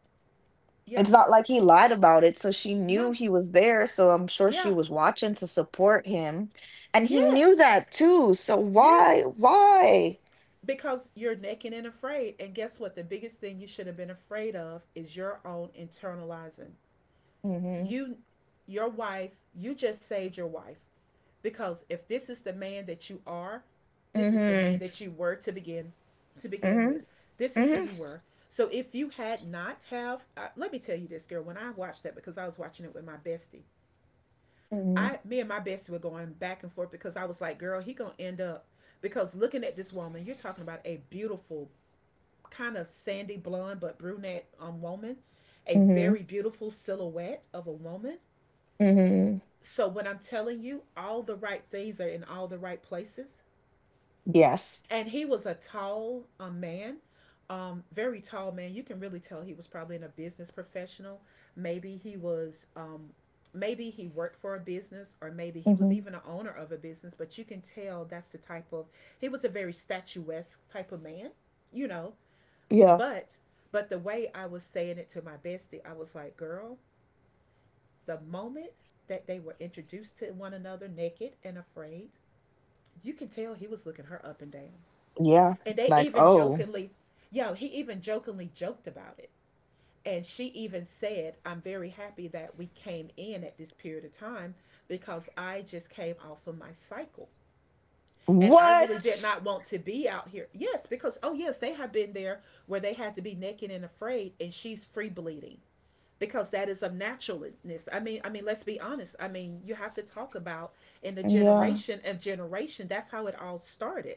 It's
yeah,
not like he lied about it, so she knew
no,
he was there, so I'm sure she
yeah,
was watching to support him. And he knew
yes,
that too, so
yes.
why? Why?
Because you're naked and afraid. And guess what? The biggest thing you should have been afraid of is your own internalizing.
Mhm.
You, your wife, you just saved your wife. Because if this is the man that you are, this is the man
Mhm.
that you were to begin with.
Mhm.
This is who
Mhm.
you were. So if you had not have, let me tell you this, girl. When I watched that, because I was watching it with my bestie,
Mhm.
I me and my bestie were going back and forth. Because I was like, girl, he gonna end up, because looking at this woman, you're talking about a beautiful kind of sandy blonde but brunette woman, a
Mhm.
very beautiful silhouette of a woman.
Mhm.
So when I'm telling you, all the right things are in all the right places.
Yes.
And he was a tall man, very tall man. You can really tell he was probably in a business professional. Maybe he was maybe he worked for a business, or maybe he was
Mhm.
even an owner of a business. But you can tell that's the type of, he was a very statuesque type of man, you know.
Yeah.
but but the way I was saying it to my bestie, I was like, girl, the moment that they were introduced to one another naked and afraid, you can tell he was looking her up and down.
Yeah.
And they
Like,
even
oh.
jokingly, yo, he even jokingly joked about it. And she even said, I'm very happy that we came in at this period of time because I just came off of my cycle. And I really
What?
did not want to be out here. Yes, because, oh, yes, they have been there where they had to be naked and afraid, and she's free bleeding, because that is of naturalness. I mean, let's be honest. I mean, you have to talk about in the
Yeah.
generation of generation. That's how it all started.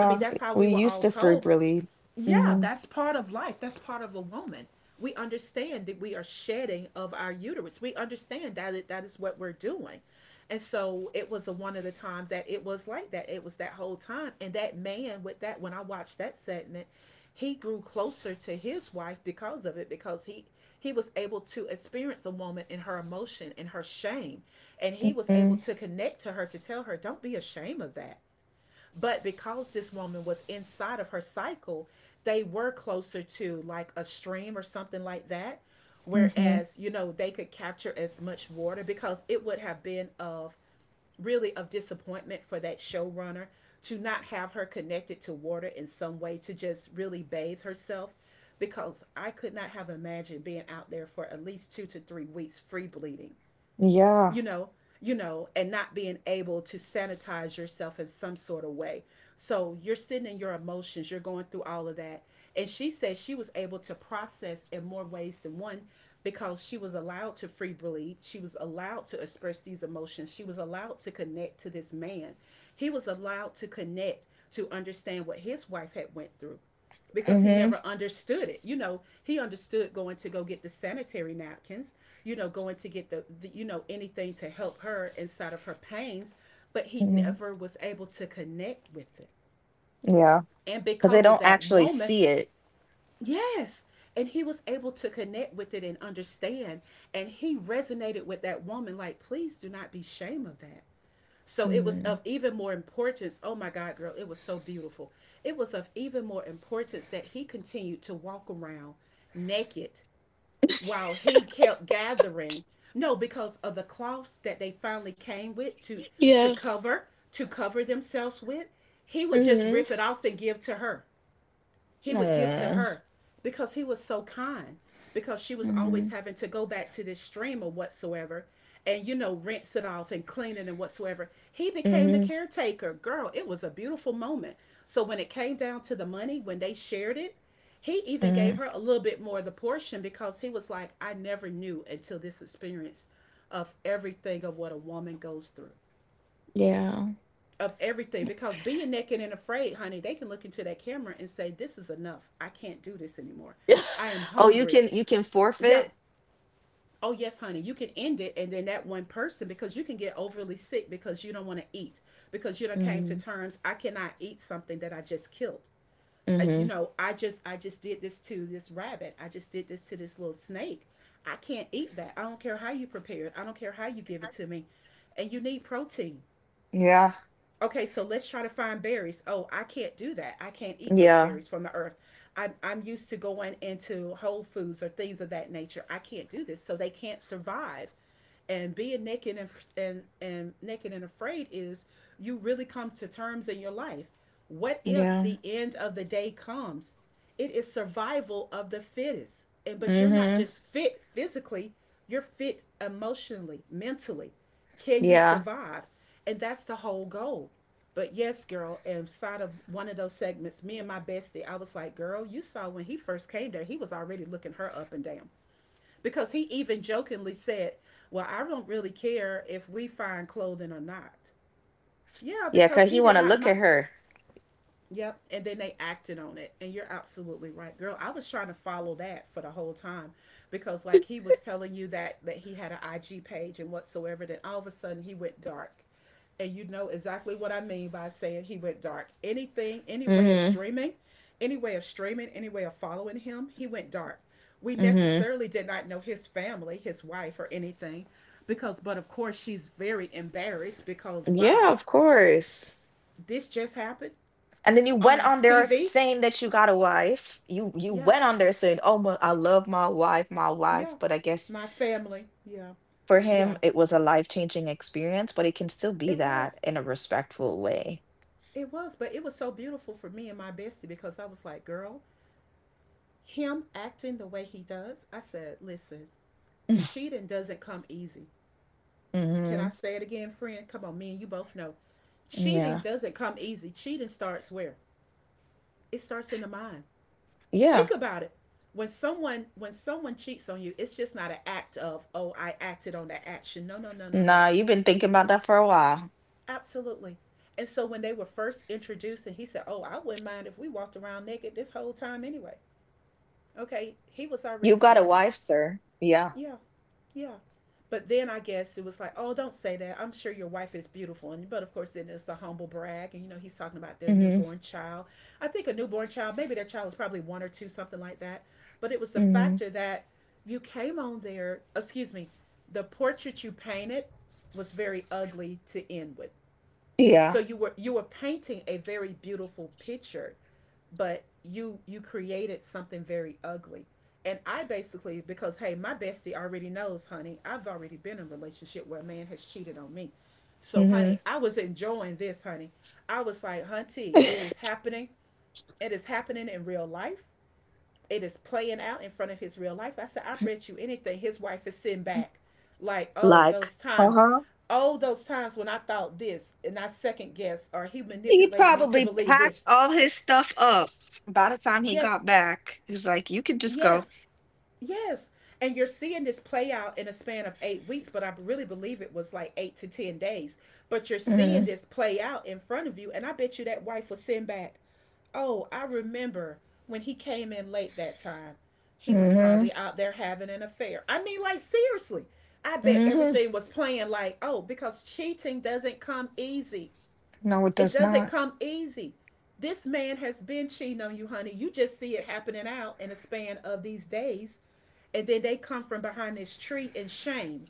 I mean, that's how
We
we were
used
all
to
told,
frequently.
yeah,
Mhm.
that's part of life. That's part of a woman. We understand that we are shedding of our uterus. We understand that that is what we're doing. And so it was the one of the time that it was like that. It was that whole time. And that man with that, when I watched that segment, he grew closer to his wife because of it, because he was able to experience a woman in her emotion and her shame, and he was able
Mm.
to connect to her, to tell her, don't be ashamed of that. But because this woman was inside of her cycle, they were closer to like a stream or something like that.
Mhm.
Whereas, you know, they could capture as much water, because it would have been of really of disappointment for that showrunner to not have her connected to water in some way, to just really bathe herself. Because I could not have imagined being out there for at least two to three weeks free bleeding,
Yeah.
you know, and not being able to sanitize yourself in some sort of way. So you're sitting in your emotions, you're going through all of that. And she says she was able to process in more ways than one, because she was allowed to free bleed. She was allowed to express these emotions. She was allowed to connect to this man. He was allowed to connect to understand what his wife had went through, because he
Mhm.
never understood it. You know, he understood going to go get the sanitary napkins, you know, going to get the you know, anything to help her inside of her pains, but he
Mhm.
never was able to connect with it.
Yeah.
And
Cuz they
because of
don't
that
actually
woman,
see
yes, and he was able to connect with it and understand, and he resonated with that woman, like, please do not be ashamed of that. So it was
it.
of even more importance. Oh my God, girl, it was so beautiful. It was of even more importance that he continued to walk around naked while he kept gathering. No, because of the cloths that they finally came with to to
Yeah.
cover to cover themselves with, he would just
Mhm.
rip it off and give to her, he would give to
Aw.
her because he was so kind. Because she was always
Mhm.
having to go back to this stream or whatsoever, and you know, rinse it off and clean it and whatsoever. He became the
Mhm.
caretaker, girl. It was a beautiful moment. So when it came down to the money, when they shared it, he even gave
Mm.
her a little bit more of the portion, because he was like, I never knew until this experience of everything, of what a woman goes through,
Yeah.
of everything. Because being naked and afraid, honey, they can look into that camera and say, this is enough. I can't do this anymore. I am
<laughs> Oh, you
hungry.
can you can
Yeah.
forfeit?
Oh, yes, honey, you can end it. And then that one person, because you can get overly sick, because you don't want to eat, because you don't came to
Mhm.
terms, I cannot eat something that I just killed. You
Mhm.
know, I just did this to this rabbit. I just did this to this little snake. I can't eat that. I don't care how you prepare it. I don't care how you give it to me. And you need protein.
Yeah.
Okay, so let's try to find berries. Oh, I can't do that. I can't eat those
Yeah.
berries from the earth. I'm used to going into Whole Foods or things of that nature. I can't do this. So they can't survive. And being naked and naked and afraid is, you really come to terms in your life. What if the
Yeah.
end of the day comes? It is survival of the fittest. And but you're not
Mhm.
just fit physically, you're fit emotionally, mentally. Can you
Yeah.
survive? And that's the whole goal. But yes, girl, inside of one of those segments, me and my bestie, I was like, girl, you saw when he first came there, he was already looking her up and down. Because he even jokingly said, well, I don't really care if we find clothing or not. Yeah,
Yeah,
because
cause
he
he
did
wanna
not
look
mind.
at her.
Yep. And then they acted on it. And you're absolutely right, girl. I was trying to follow that for the whole time, because like he was telling you that he had an IG page and whatsoever. Then all of a sudden he went dark. And you know exactly what I mean by saying he went dark. Anything, any way of
Mhm.
streaming, any way of following him, he went dark. We
Mhm.
necessarily did not know his family, his wife or anything because but of course she's very embarrassed because wow,
Yeah, of course.
this just happened
And then you went
on
on there
TV,
saying that you got a wife. You
yeah.
went on there saying, "Oh, my, I love my wife, my wife."
Yeah.
But I guess
My family. Yeah.
for him,
Yeah.
it was a life-changing experience, but it can still be
It was.
that in a respectful way.
It was. But it was so beautiful for me and my bestie because I was like, girl, him acting the way he does, I said, listen, cheating doesn't come easy. Can I
Mm-hmm.
say it again, friend? Come on, me and you both know. Cheating
Yeah.
doesn't come easy. Cheating starts where? It starts in the mind. Think
Yeah.
about it. When someone cheats on you, it's just not an act of, oh, I acted on that action. No, no, no, no, no.
Nah, you've been thinking about that for a while.
Absolutely. And so when they were first introduced, and he said, "Oh, I wouldn't mind if we walked around naked this whole time anyway." Okay, he was already
You got a
flirting.
wife, sir. Yeah.
Yeah, yeah. But then I guess it was like, "Oh, don't say that. I'm sure your wife is beautiful." And but of course, then it's a humble brag, and you know he's talking about their
Mm-hmm.
newborn child. I think a newborn child, maybe their child was probably one or two, something like that. But it was the
Mm-hmm.
factor that you came on there. Excuse me, the portrait you painted was very ugly to end with, so
Yeah.
you were painting a very beautiful picture, but you created something very ugly. And I basically because hey, my bestie already knows, honey, I've already been in a relationship where a man has cheated on me. So
Mm-hmm.
honey, I was enjoying this, honey. I was like, Hunty, it is happening. It is happening in real life, it is playing out in front of his real life. I said, I bet you anything. His wife is sitting back, like,
<laughs> Like, uh-huh.
oh, those times when I thought this and I second guessed or he
He
manipulated me to
probably
believe this.
packed all his stuff up by the time he
Yes,
got back. He's like, you could just go.
yes, yes. And you're seeing this play out in a span of 8 weeks, but I really believe it was like eight to 10 days. But you're seeing
Mm-hmm.
this play out in front of you. And I bet you that wife was sitting back. Oh, I remember when he came in late that time. He was
Mm-hmm.
probably out there having an affair. I mean, like, seriously, I bet
Mm-hmm.
everything was playing like, oh, because cheating doesn't come easy.
No, it
It
does
doesn't
not.
come easy. This man has been cheating on you, honey. You just see it happening out in a span of these days. And then they come from behind this tree in shame.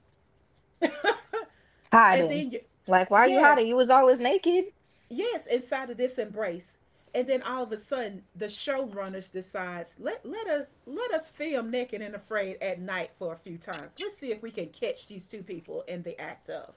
And
Hiding.
then you,
Like, why are you hiding?
yes,
You was always naked.
yes, inside of this embrace. And then all of a sudden the showrunners decides, let us film naked and afraid at night for a few times. Let's see if we can catch these two people in the act of.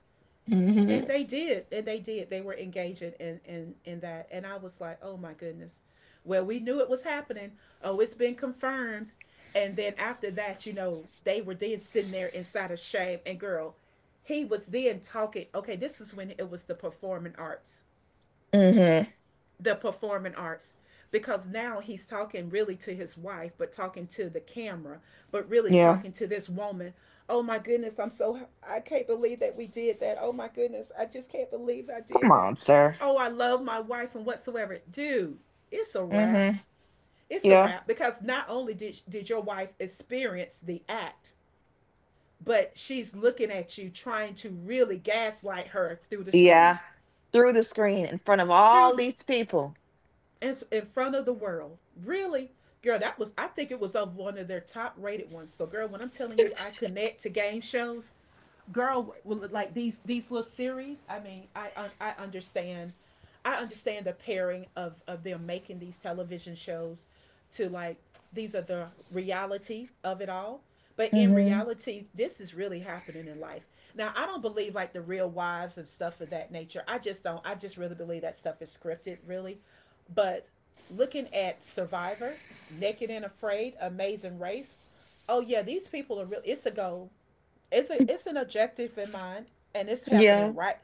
And
Mm-hmm.
they did, and they did, they were engaging in in that, and I was like, oh my goodness, well, we knew it was happening. Oh, it's been confirmed. And then after that, you know, they were then sitting there inside of shame, and girl, he was then talking, okay, this was when it was the performing arts,
Mm-hmm.
the performing arts, because now he's talking really to his wife, but talking to the camera, but really
Yeah.
talking to this woman. Oh my goodness, I'm so, I can't believe that we did that, oh my goodness, I just can't believe I did
Come
that.
on, sir.
Oh, I love my wife and whatsoever, dude. It's a wrap.
Mm-hmm.
It's a
Yeah.
wrap, because not only did your wife experience the act, but she's looking at you trying to really gaslight her through the screen,
Yeah. Through the screen in front of
through
all
the,
these people.
in front of the world. Really? Girl, that was, I think it was of one of their top rated ones. So, girl, when I'm telling you I connect to game shows, girl, well, like these little series, I mean, I understand. I understand the pairing of them making these television shows to like, these are the reality of it all. But in
Hmm.
reality, this is really happening in life. Now, I don't believe like the real wives and stuff of that nature. I just don't. I just really believe that stuff is scripted, really. But looking at Survivor, Naked and Afraid, Amazing Race, oh yeah, these people are real. It's a goal. It's a, it's an objective in mind, and it's happening
Yeah.
right.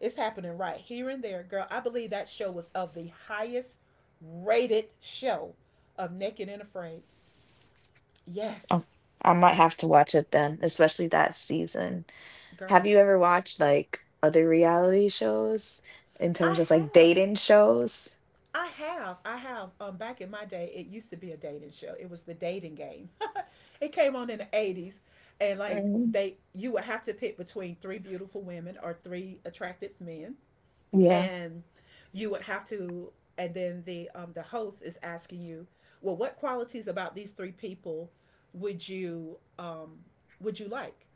It's happening right here and there, girl. I believe that show was of the highest rated show of Naked and Afraid.
Oh,
Yes,
I might have to watch it then, especially that season. Have
girl.
you ever watched like other reality shows in
I
terms of like
have,
dating shows?
I have. Back in my day, it used to be a dating show. It was the dating game. <laughs> It came on in the 80s, and like
Mhm.
they, you would have to pick between three beautiful women or three attractive men,
Yeah.
and you would have to, and then the host is asking you, well, what qualities about these three people would you um would you like?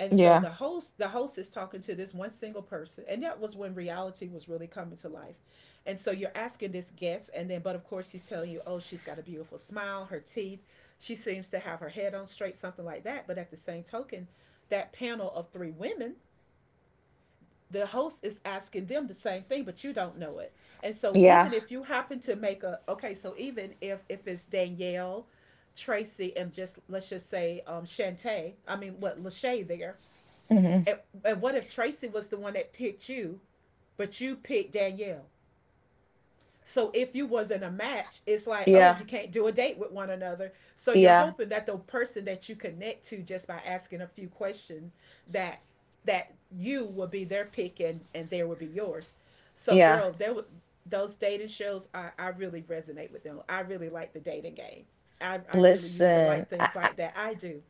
And so
Yeah.
the host is talking to this one single person, and that was when reality was really coming to life. And so you're asking this guest, and then but of course he's telling you, oh, she's got a beautiful smile, her teeth, she seems to have her head on straight, something like that. But at the same token, that panel of three women, the host is asking them the same thing, but you don't know it. And so
Yeah.
even if you happen to make a, okay, so even if it's Danielle, Tracy, and just let's just say Shantae, I mean what Lachey there,
Hmm.
and, what if Tracy was the one that picked you, but you picked Danielle? So if you was not a match, it's like, oh,
Yeah.
you can't do a date with one another. So you're
Yeah.
hoping that the person that you connect to just by asking a few questions that that you will be their pick and there will be yours. So
Yeah.
girl, those dating shows, I really resonate with them. I really like the dating game. I really used to
Listen,
like things like that. I do.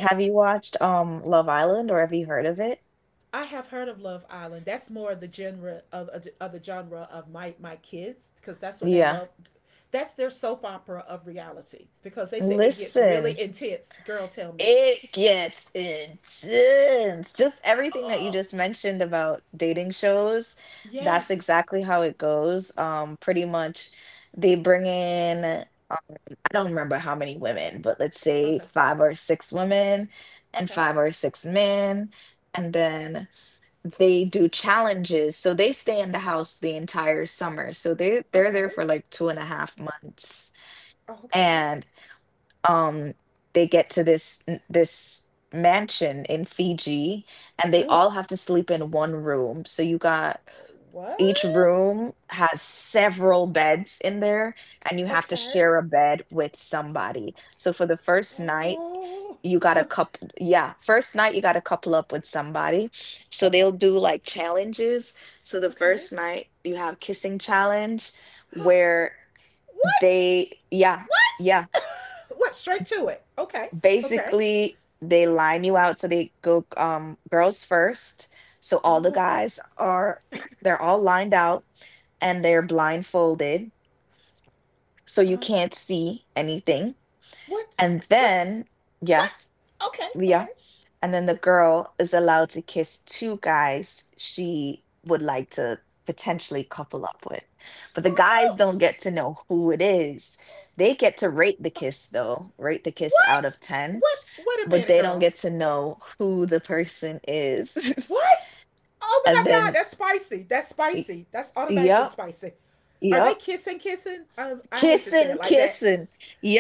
have you watched Love Island or have you heard of it?
I have heard of Love Island. That's more the genre of the genre of my my kids because that's what they
Yeah.
love. That's their soap opera of reality because they said it gets really
Listen.
intense. Girl, tell me.
It gets intense. Just everything that you just mentioned about dating shows, that's
Yes.
exactly how it goes. Pretty much they bring in, I don't remember how many women, but let's say
Okay.
five or six women and
Okay.
five or six men. And then they do challenges. So they stay in the house the entire summer. So they're there
Okay.
for like 2.5 months.
Okay.
And um they get to this mansion in Fiji and they
Oh.
all have to sleep in one room. So you got each
What?
room has several beds in there and you have to
Okay.
share a bed with somebody. So for the first night
Oh.
you got a
<laughs>
couple, yeah, first night you got to couple up with somebody. So they'll do like challenges. So the
Okay.
first night you have kissing challenge
<gasps> What?
where
What?
they yeah,
<laughs>
yeah
What? Straight to it. Okay. Okay.
basically they line you out, so they go girls first. So all the
Oh.
guys are <clears throat> they're all lined out and they're blindfolded, so you
Oh.
can't see anything.
What?
And
What?
then yeah
What? Okay,
yeah
okay.
and then the
Okay.
girl is allowed to kiss two guys she would like to potentially couple up with, but the guys
Oh,
don't get to know who it is. They get to rate the kiss, though. Rate the kiss out
what?
of 10,
What? Wait a
but
minute,
they don't
girl.
get to know who the person is.
What? Oh
<laughs> and
my God,
then,
that's spicy. That's
y-
spicy. That's automatically
yep,
spicy. Are they
yep,
kissing, kissing? I hate to say it
kissing,
like that.
kissing,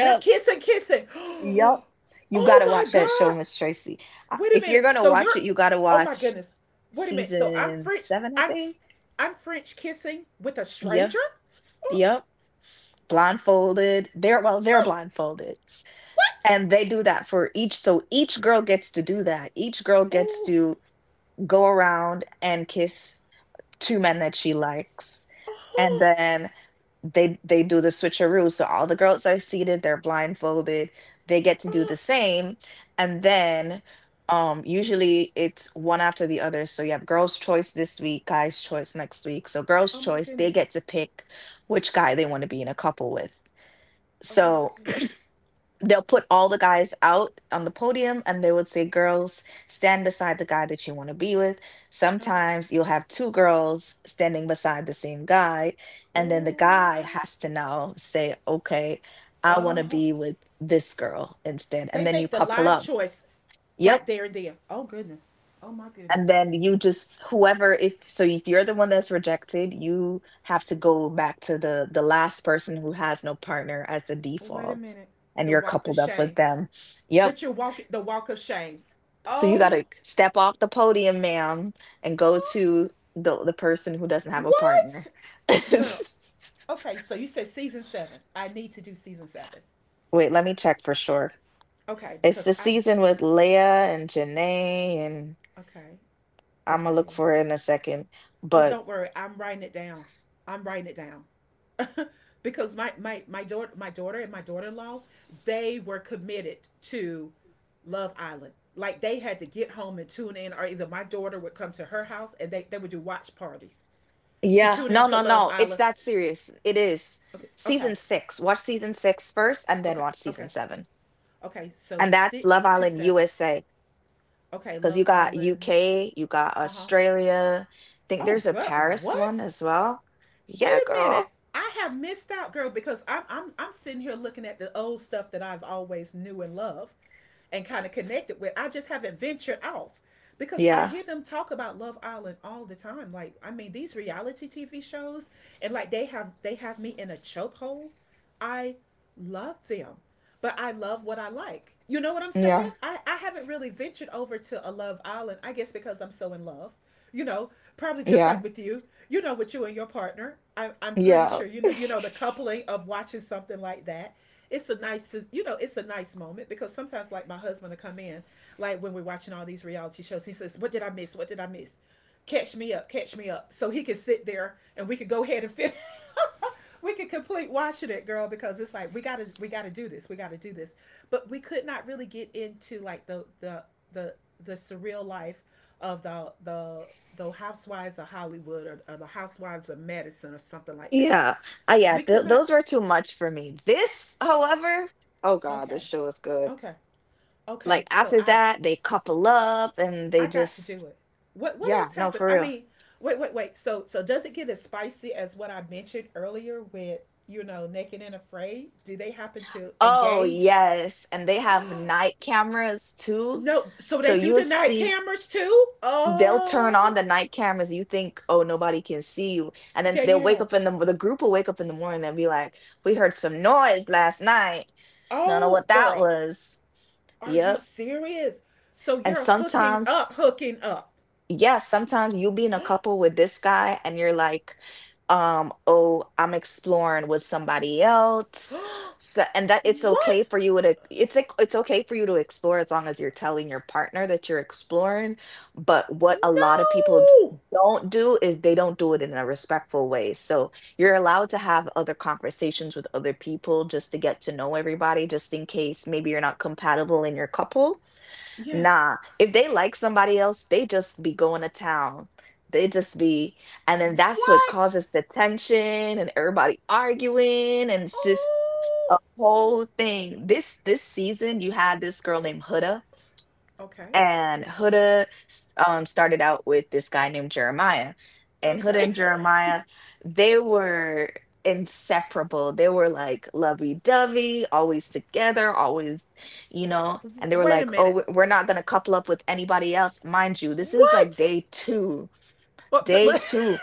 They're kissing, kissing.
yep.
<gasps> Oh
You gotta
my
watch that show,
God.
Miss Tracy. I-
Wait a
If you're
minute.
gonna
So
watch
you're,
it, you gotta
oh my
watch
goodness. Wait a minute. So I'm
season
French.
seven, I think.
I'm French kissing with a
Yep,
stranger. Oh,
yep.
oh,
Blindfolded. They're well, they're
oh.
blindfolded,
What?
and they do that for each. So each girl gets to do that. Each girl gets
Oh.
to go around and kiss two men that she likes, and
Oh,
then they do the switcheroo. So all the girls are seated, they're blindfolded, they get to do the
oh,
same. And then usually it's one after the other. So you have girls' choice this week, guys' choice next week. So girls'
oh my
choice, they
goodness.
get to pick which guy they want to be in a couple with.
Oh my
So
goodness.
they'll put all the guys out on the podium, and they would say, girls stand beside the guy that you want to be with.
Uh oh.
Sometimes you'll have two girls standing beside the same guy, and then the guy
Oh.
has to now say, okay, I want to
Oh.
be with this girl instead,
They
and then you
make the
couple
live
up.
choice
Yep.
right there and there. Oh goodness. Oh my goodness.
And then you just whoever, if so if you're the one that's rejected, you have to go back to the last person who has no partner as the
Oh, wait a
default,
minute.
and
The
you're
walk of
coupled up with
shame.
them. Yep.
But you're walking the walk of shame.
So you got to
Oh.
step off the podium, ma'am, and go
Oh.
to the person who doesn't have a
What?
partner.
Girl.
<laughs>
Okay, so you said season 7. I need to do season 7.
Wait, let me check for sure.
Okay,
It's the
because I.
season with Leia and Janae, and
Okay.
I'm gonna look
Okay.
for it in a second.
Oh,
But
don't worry. I'm writing it down. I'm writing it down. <laughs> Because my daughter and my daughter-in-law, they were committed to Love Island. Like they had to get home and tune in or either my daughter would come to her house and they would do watch parties to
yeah,
tune in
no,
to
no,
Love
no, it's
Island.
that serious. It is
Okay. Okay.
season six. Watch season six first, and then
Okay.
watch
Okay.
season seven.
Okay. So
And that's Love
6 to
Island
7.
USA.
Okay,
Because you
Love
got
Island.
UK, you got
Uh-huh.
Australia. I think
Oh,
there's a
what?
Paris one
What?
as well.
Wait
Yeah,
a minute.
girl.
I have missed out, girl, because I'm sitting here looking at the old stuff that I've always knew and loved and kind of connected with. I just haven't ventured off because I
Yeah,
hear them talk about Love Island all the time. Like, I mean, these reality TV shows, and like they have me in a chokehold. I love them, but I love what I like. You know what I'm saying?
yeah,
I haven't really ventured over to a Love Island, I guess because I'm so in love. You know, probably just
yeah,
like with you, you know, with you and your partner. I'm pretty
yeah,
sure you know the
<laughs>
coupling of watching something like that. It's a nice, you know, it's a nice moment because sometimes like my husband will come in, like when we're watching all these reality shows, he says, what did I miss? What did I miss? Catch me up, catch me up. So he can sit there and we can go ahead and finish, <laughs> we could complete watching it, girl, because it's like we gotta do this, we gotta do this. But we could not really get into like the the surreal life of the housewives of Hollywood, or the housewives of Madison or something like that.
yeah. Yeah,
We
th
could not.
those were too much for me. This, however, oh God,
Okay,
this show is good.
okay, okay.
Like
So
after
I've,
that, they couple up and
I
they
got to do
just,
it. What
yeah,
else
no,
happened?
for
I
real.
mean, wait, wait, wait. So so does it get as spicy as what I mentioned earlier with, you know, naked and afraid? Do they happen to
Oh,
engage?
yes. And they have night cameras too.
No, so
So
they do the
you'll
night
see.
cameras too?
They'll turn on
Oh,
the night cameras. You think, oh, nobody can see you, and then they'll wake
Danielle.
up, in the group will wake up in the morning and be like, "We heard some noise last night. Don't know
Oh,
what that
girl,
was."
are you
Yep.
serious? So
And
you're hooking up,
sometimes
hooking up.
yeah, sometimes you be in a couple with this guy and you're like, oh, I'm exploring with somebody else.
<gasps>
So, and that it's okay
What?
for you to, it's like it's okay for you to explore as long as you're telling your partner that you're exploring. But what a lot of people
No.
don't do is they don't do it in a respectful way. So you're allowed to have other conversations with other people just to get to know everybody, just in case maybe you're not compatible in your couple.
Yes.
Nah, if they like somebody else, they just be going to town. They just be, and then that's what
What?
causes the tension and everybody arguing, and it's just a
Oh.
whole thing. This season, you had this girl named Huda.
Okay.
And Huda started out with this guy named Jeremiah. And Huda
Okay.
and Jeremiah, they were inseparable. They were like lovey-dovey, always together, always, you know. And they
<laughs>
were
Wait a
like, oh,
minute.
we're not going to couple up with anybody else. Mind you, this is like
What?
day two.
Well, <laughs>
Day two.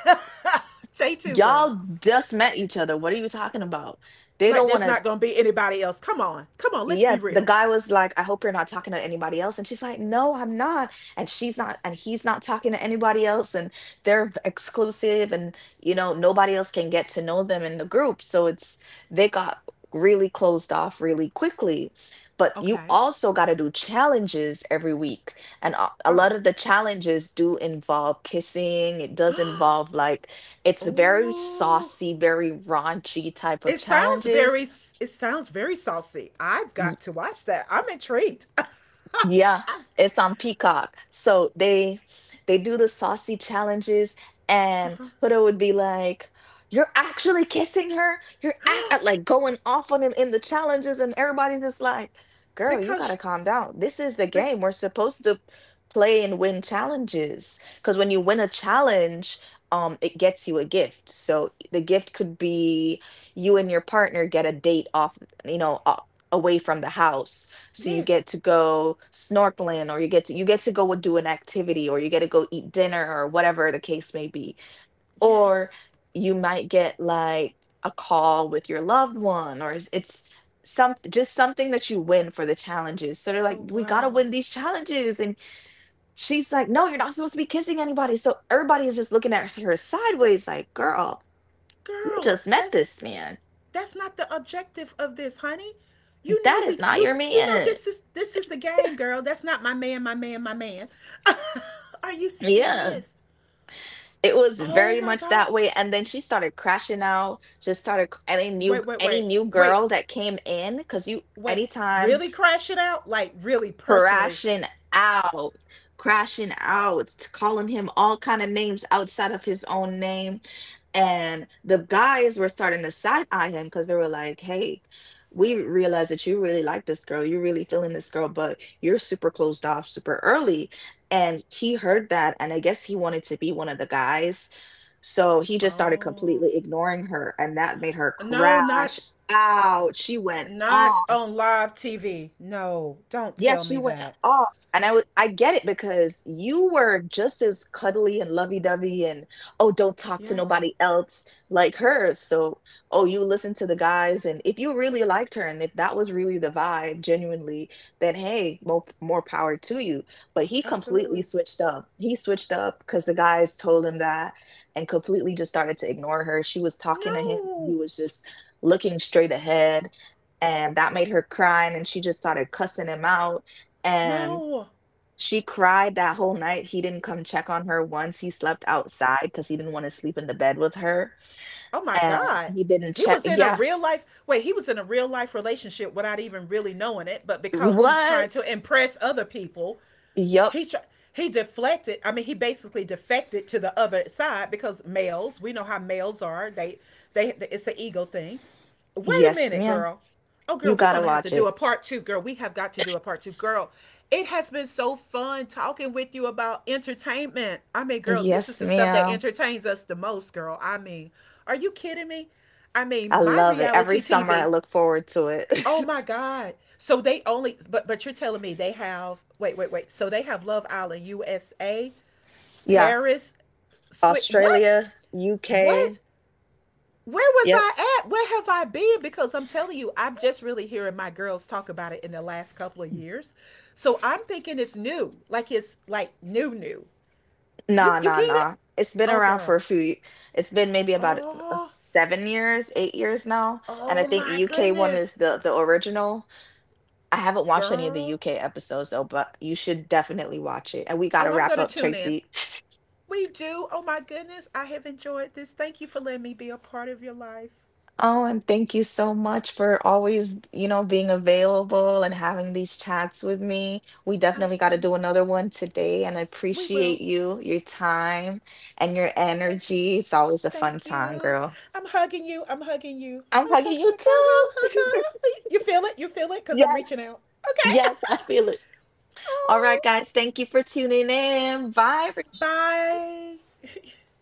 say too, girl.
Y'all just met each other. What are you talking about? They
Like
don't want
there's
to.
not gonna be anybody else. Come on. Come on. Let's
Yeah,
be
the
real.
guy was like, I hope you're not talking to anybody else. And she's like, no, I'm not. And she's not, and he's not talking to anybody else. And exclusive, and you know, nobody else can get to know them in the group. So it's, they got really closed off really quickly. But you
Okay.
also got to do challenges every week. And a
Oh.
lot of the challenges do involve kissing. It does involve like, it's very
Oh,
saucy, very raunchy type of
it sounds very,
challenges.
it sounds very saucy. I've got to watch that. I'm intrigued. <laughs>
Yeah,
Uh-huh.
it's on Peacock. So they do the saucy challenges, and Huda would be like, you're actually kissing her? You're act like going off on him in the challenges, and everybody's just like, girl, you gotta
Because,
calm down. This is the
but
game. We're supposed to play and win challenges. Because when you win a challenge, it gets you a gift. So the gift could be you and your partner get a date off, you know, away from the house, so you get
yes,
to go snorkeling, or you get to, you get to go and do an activity, or you get to go eat dinner, or whatever the case may be, or
yes.
you might get like a call with your loved one, or it's some, just something that you win for the challenges. So they're like,
Oh
we gotta
wow,
win these challenges. And she's like, no, you're not supposed to be kissing anybody. So everybody is just looking at her sideways like, girl, you
girl,
just met
that's
this man.
that's not the objective of this, honey. You know
That is
we,
not your
you know
man.
this is, this is the game, girl. That's not my man, my man, my man. <laughs> Are you
Yeah,
serious?
it was
Oh
very
my
much
god.
that way, and then she started crashing out. Just started c any new,
Wait, wait,
any
wait.
new
Wait,
girl that came in, because you
wait,
anytime,
really crash it out? Like really personally?
crashing out, crashing out, calling him all kinda names outside of his own name, and the guys were starting to side-eye him because they were like, "Hey, we realize that you really like this girl, you're really feeling this girl, but you're super closed off super early," and he heard that, and I guess he wanted to be one of the guys, so he just started
Oh.
completely ignoring her, and that made her
No, not
crash out. She went
not
on.
on live TV. No, don't
Yeah,
tell
she
me
went
that.
off. And I was, I get it, because you were just as cuddly and lovey-dovey and oh, don't talk to
Yes,
nobody else like her. So, oh, you listen to the guys, and if you really liked her and if that was really the vibe genuinely, then hey, more more power to you. But he completely
absolutely.
switched up. He switched up because the guys told him that, and completely just started to ignore her. She was talking to him. He
No.
was just looking straight ahead, and that made her cry, and she just started cussing him out. And
No.
she cried that whole night. He didn't come check on her once. He slept outside because he didn't want to sleep in the bed with her,
Oh my
and
god.
he didn't
He
check.
was in a
Yeah.
real life, wait, he was in a real life relationship without even really knowing it, but because he's trying
What?
to impress other people,
Yup.
he tr- he deflected, I mean he basically defected to the other side because males, we know how males are, they, it's an ego thing. Wait a
Yes,
minute,
ma'am.
girl. Oh
You
girl, we're
gotta
gonna have to
watch
do
it.
a part two, girl, we have got to do a part two, girl. It has been so fun talking with you about entertainment. I mean girl, this is
Yes,
the stuff that
ma'am.
entertains us the most, girl. I mean, are you kidding me? I
I
mean, my
love it. Every
reality
summer I
TV.
look forward to it.
Oh
<laughs>
my God. So they only, but you're telling me they have, wait, wait, wait. So they have Love Island USA,
Yeah.
Paris, Swi- what?
Australia, UK.
What? Where was
Yep.
I at? Where have I been? Because I'm telling you, I'm just really hearing my girls talk about it in the last couple of years. So I'm thinking it's new. Like it's like new new. You
Nah,
you
nah,
get it?
nah. It's been
Oh
around for
girl.
a few, it's been maybe about
Oh.
7 years, 8 years now. And I
Oh
think
my
UK one
goodness.
is the original. I haven't watched any of the
Girl.
UK episodes though, but you should definitely watch it. And we gotta
Oh, I'm
wrap
going to
up,
tune in.
Tracy. <sniffs>
We do. Oh my goodness. I have enjoyed this. Thank you for letting me be a part of your life.
Oh, and thank you so much for always, you know, being available and having these chats with me. We
I
definitely got to
do.
do another one today, and I
We
appreciate
will.
you, your time, and your
Thank you.
energy. It's always a fun
Thank
time,
you.
girl.
I'm hugging you. I'm hugging you.
I'm
Hug,
hugging
hug,
you
hug, hug, hug, hug,
too.
hug. You feel it? You feel it?
<laughs>
Because I'm
Yes,
reaching out. Okay.
yes, I feel it.
<laughs>
All right,
Oh.
guys, thank you for tuning in. Bye.
Bye. <laughs>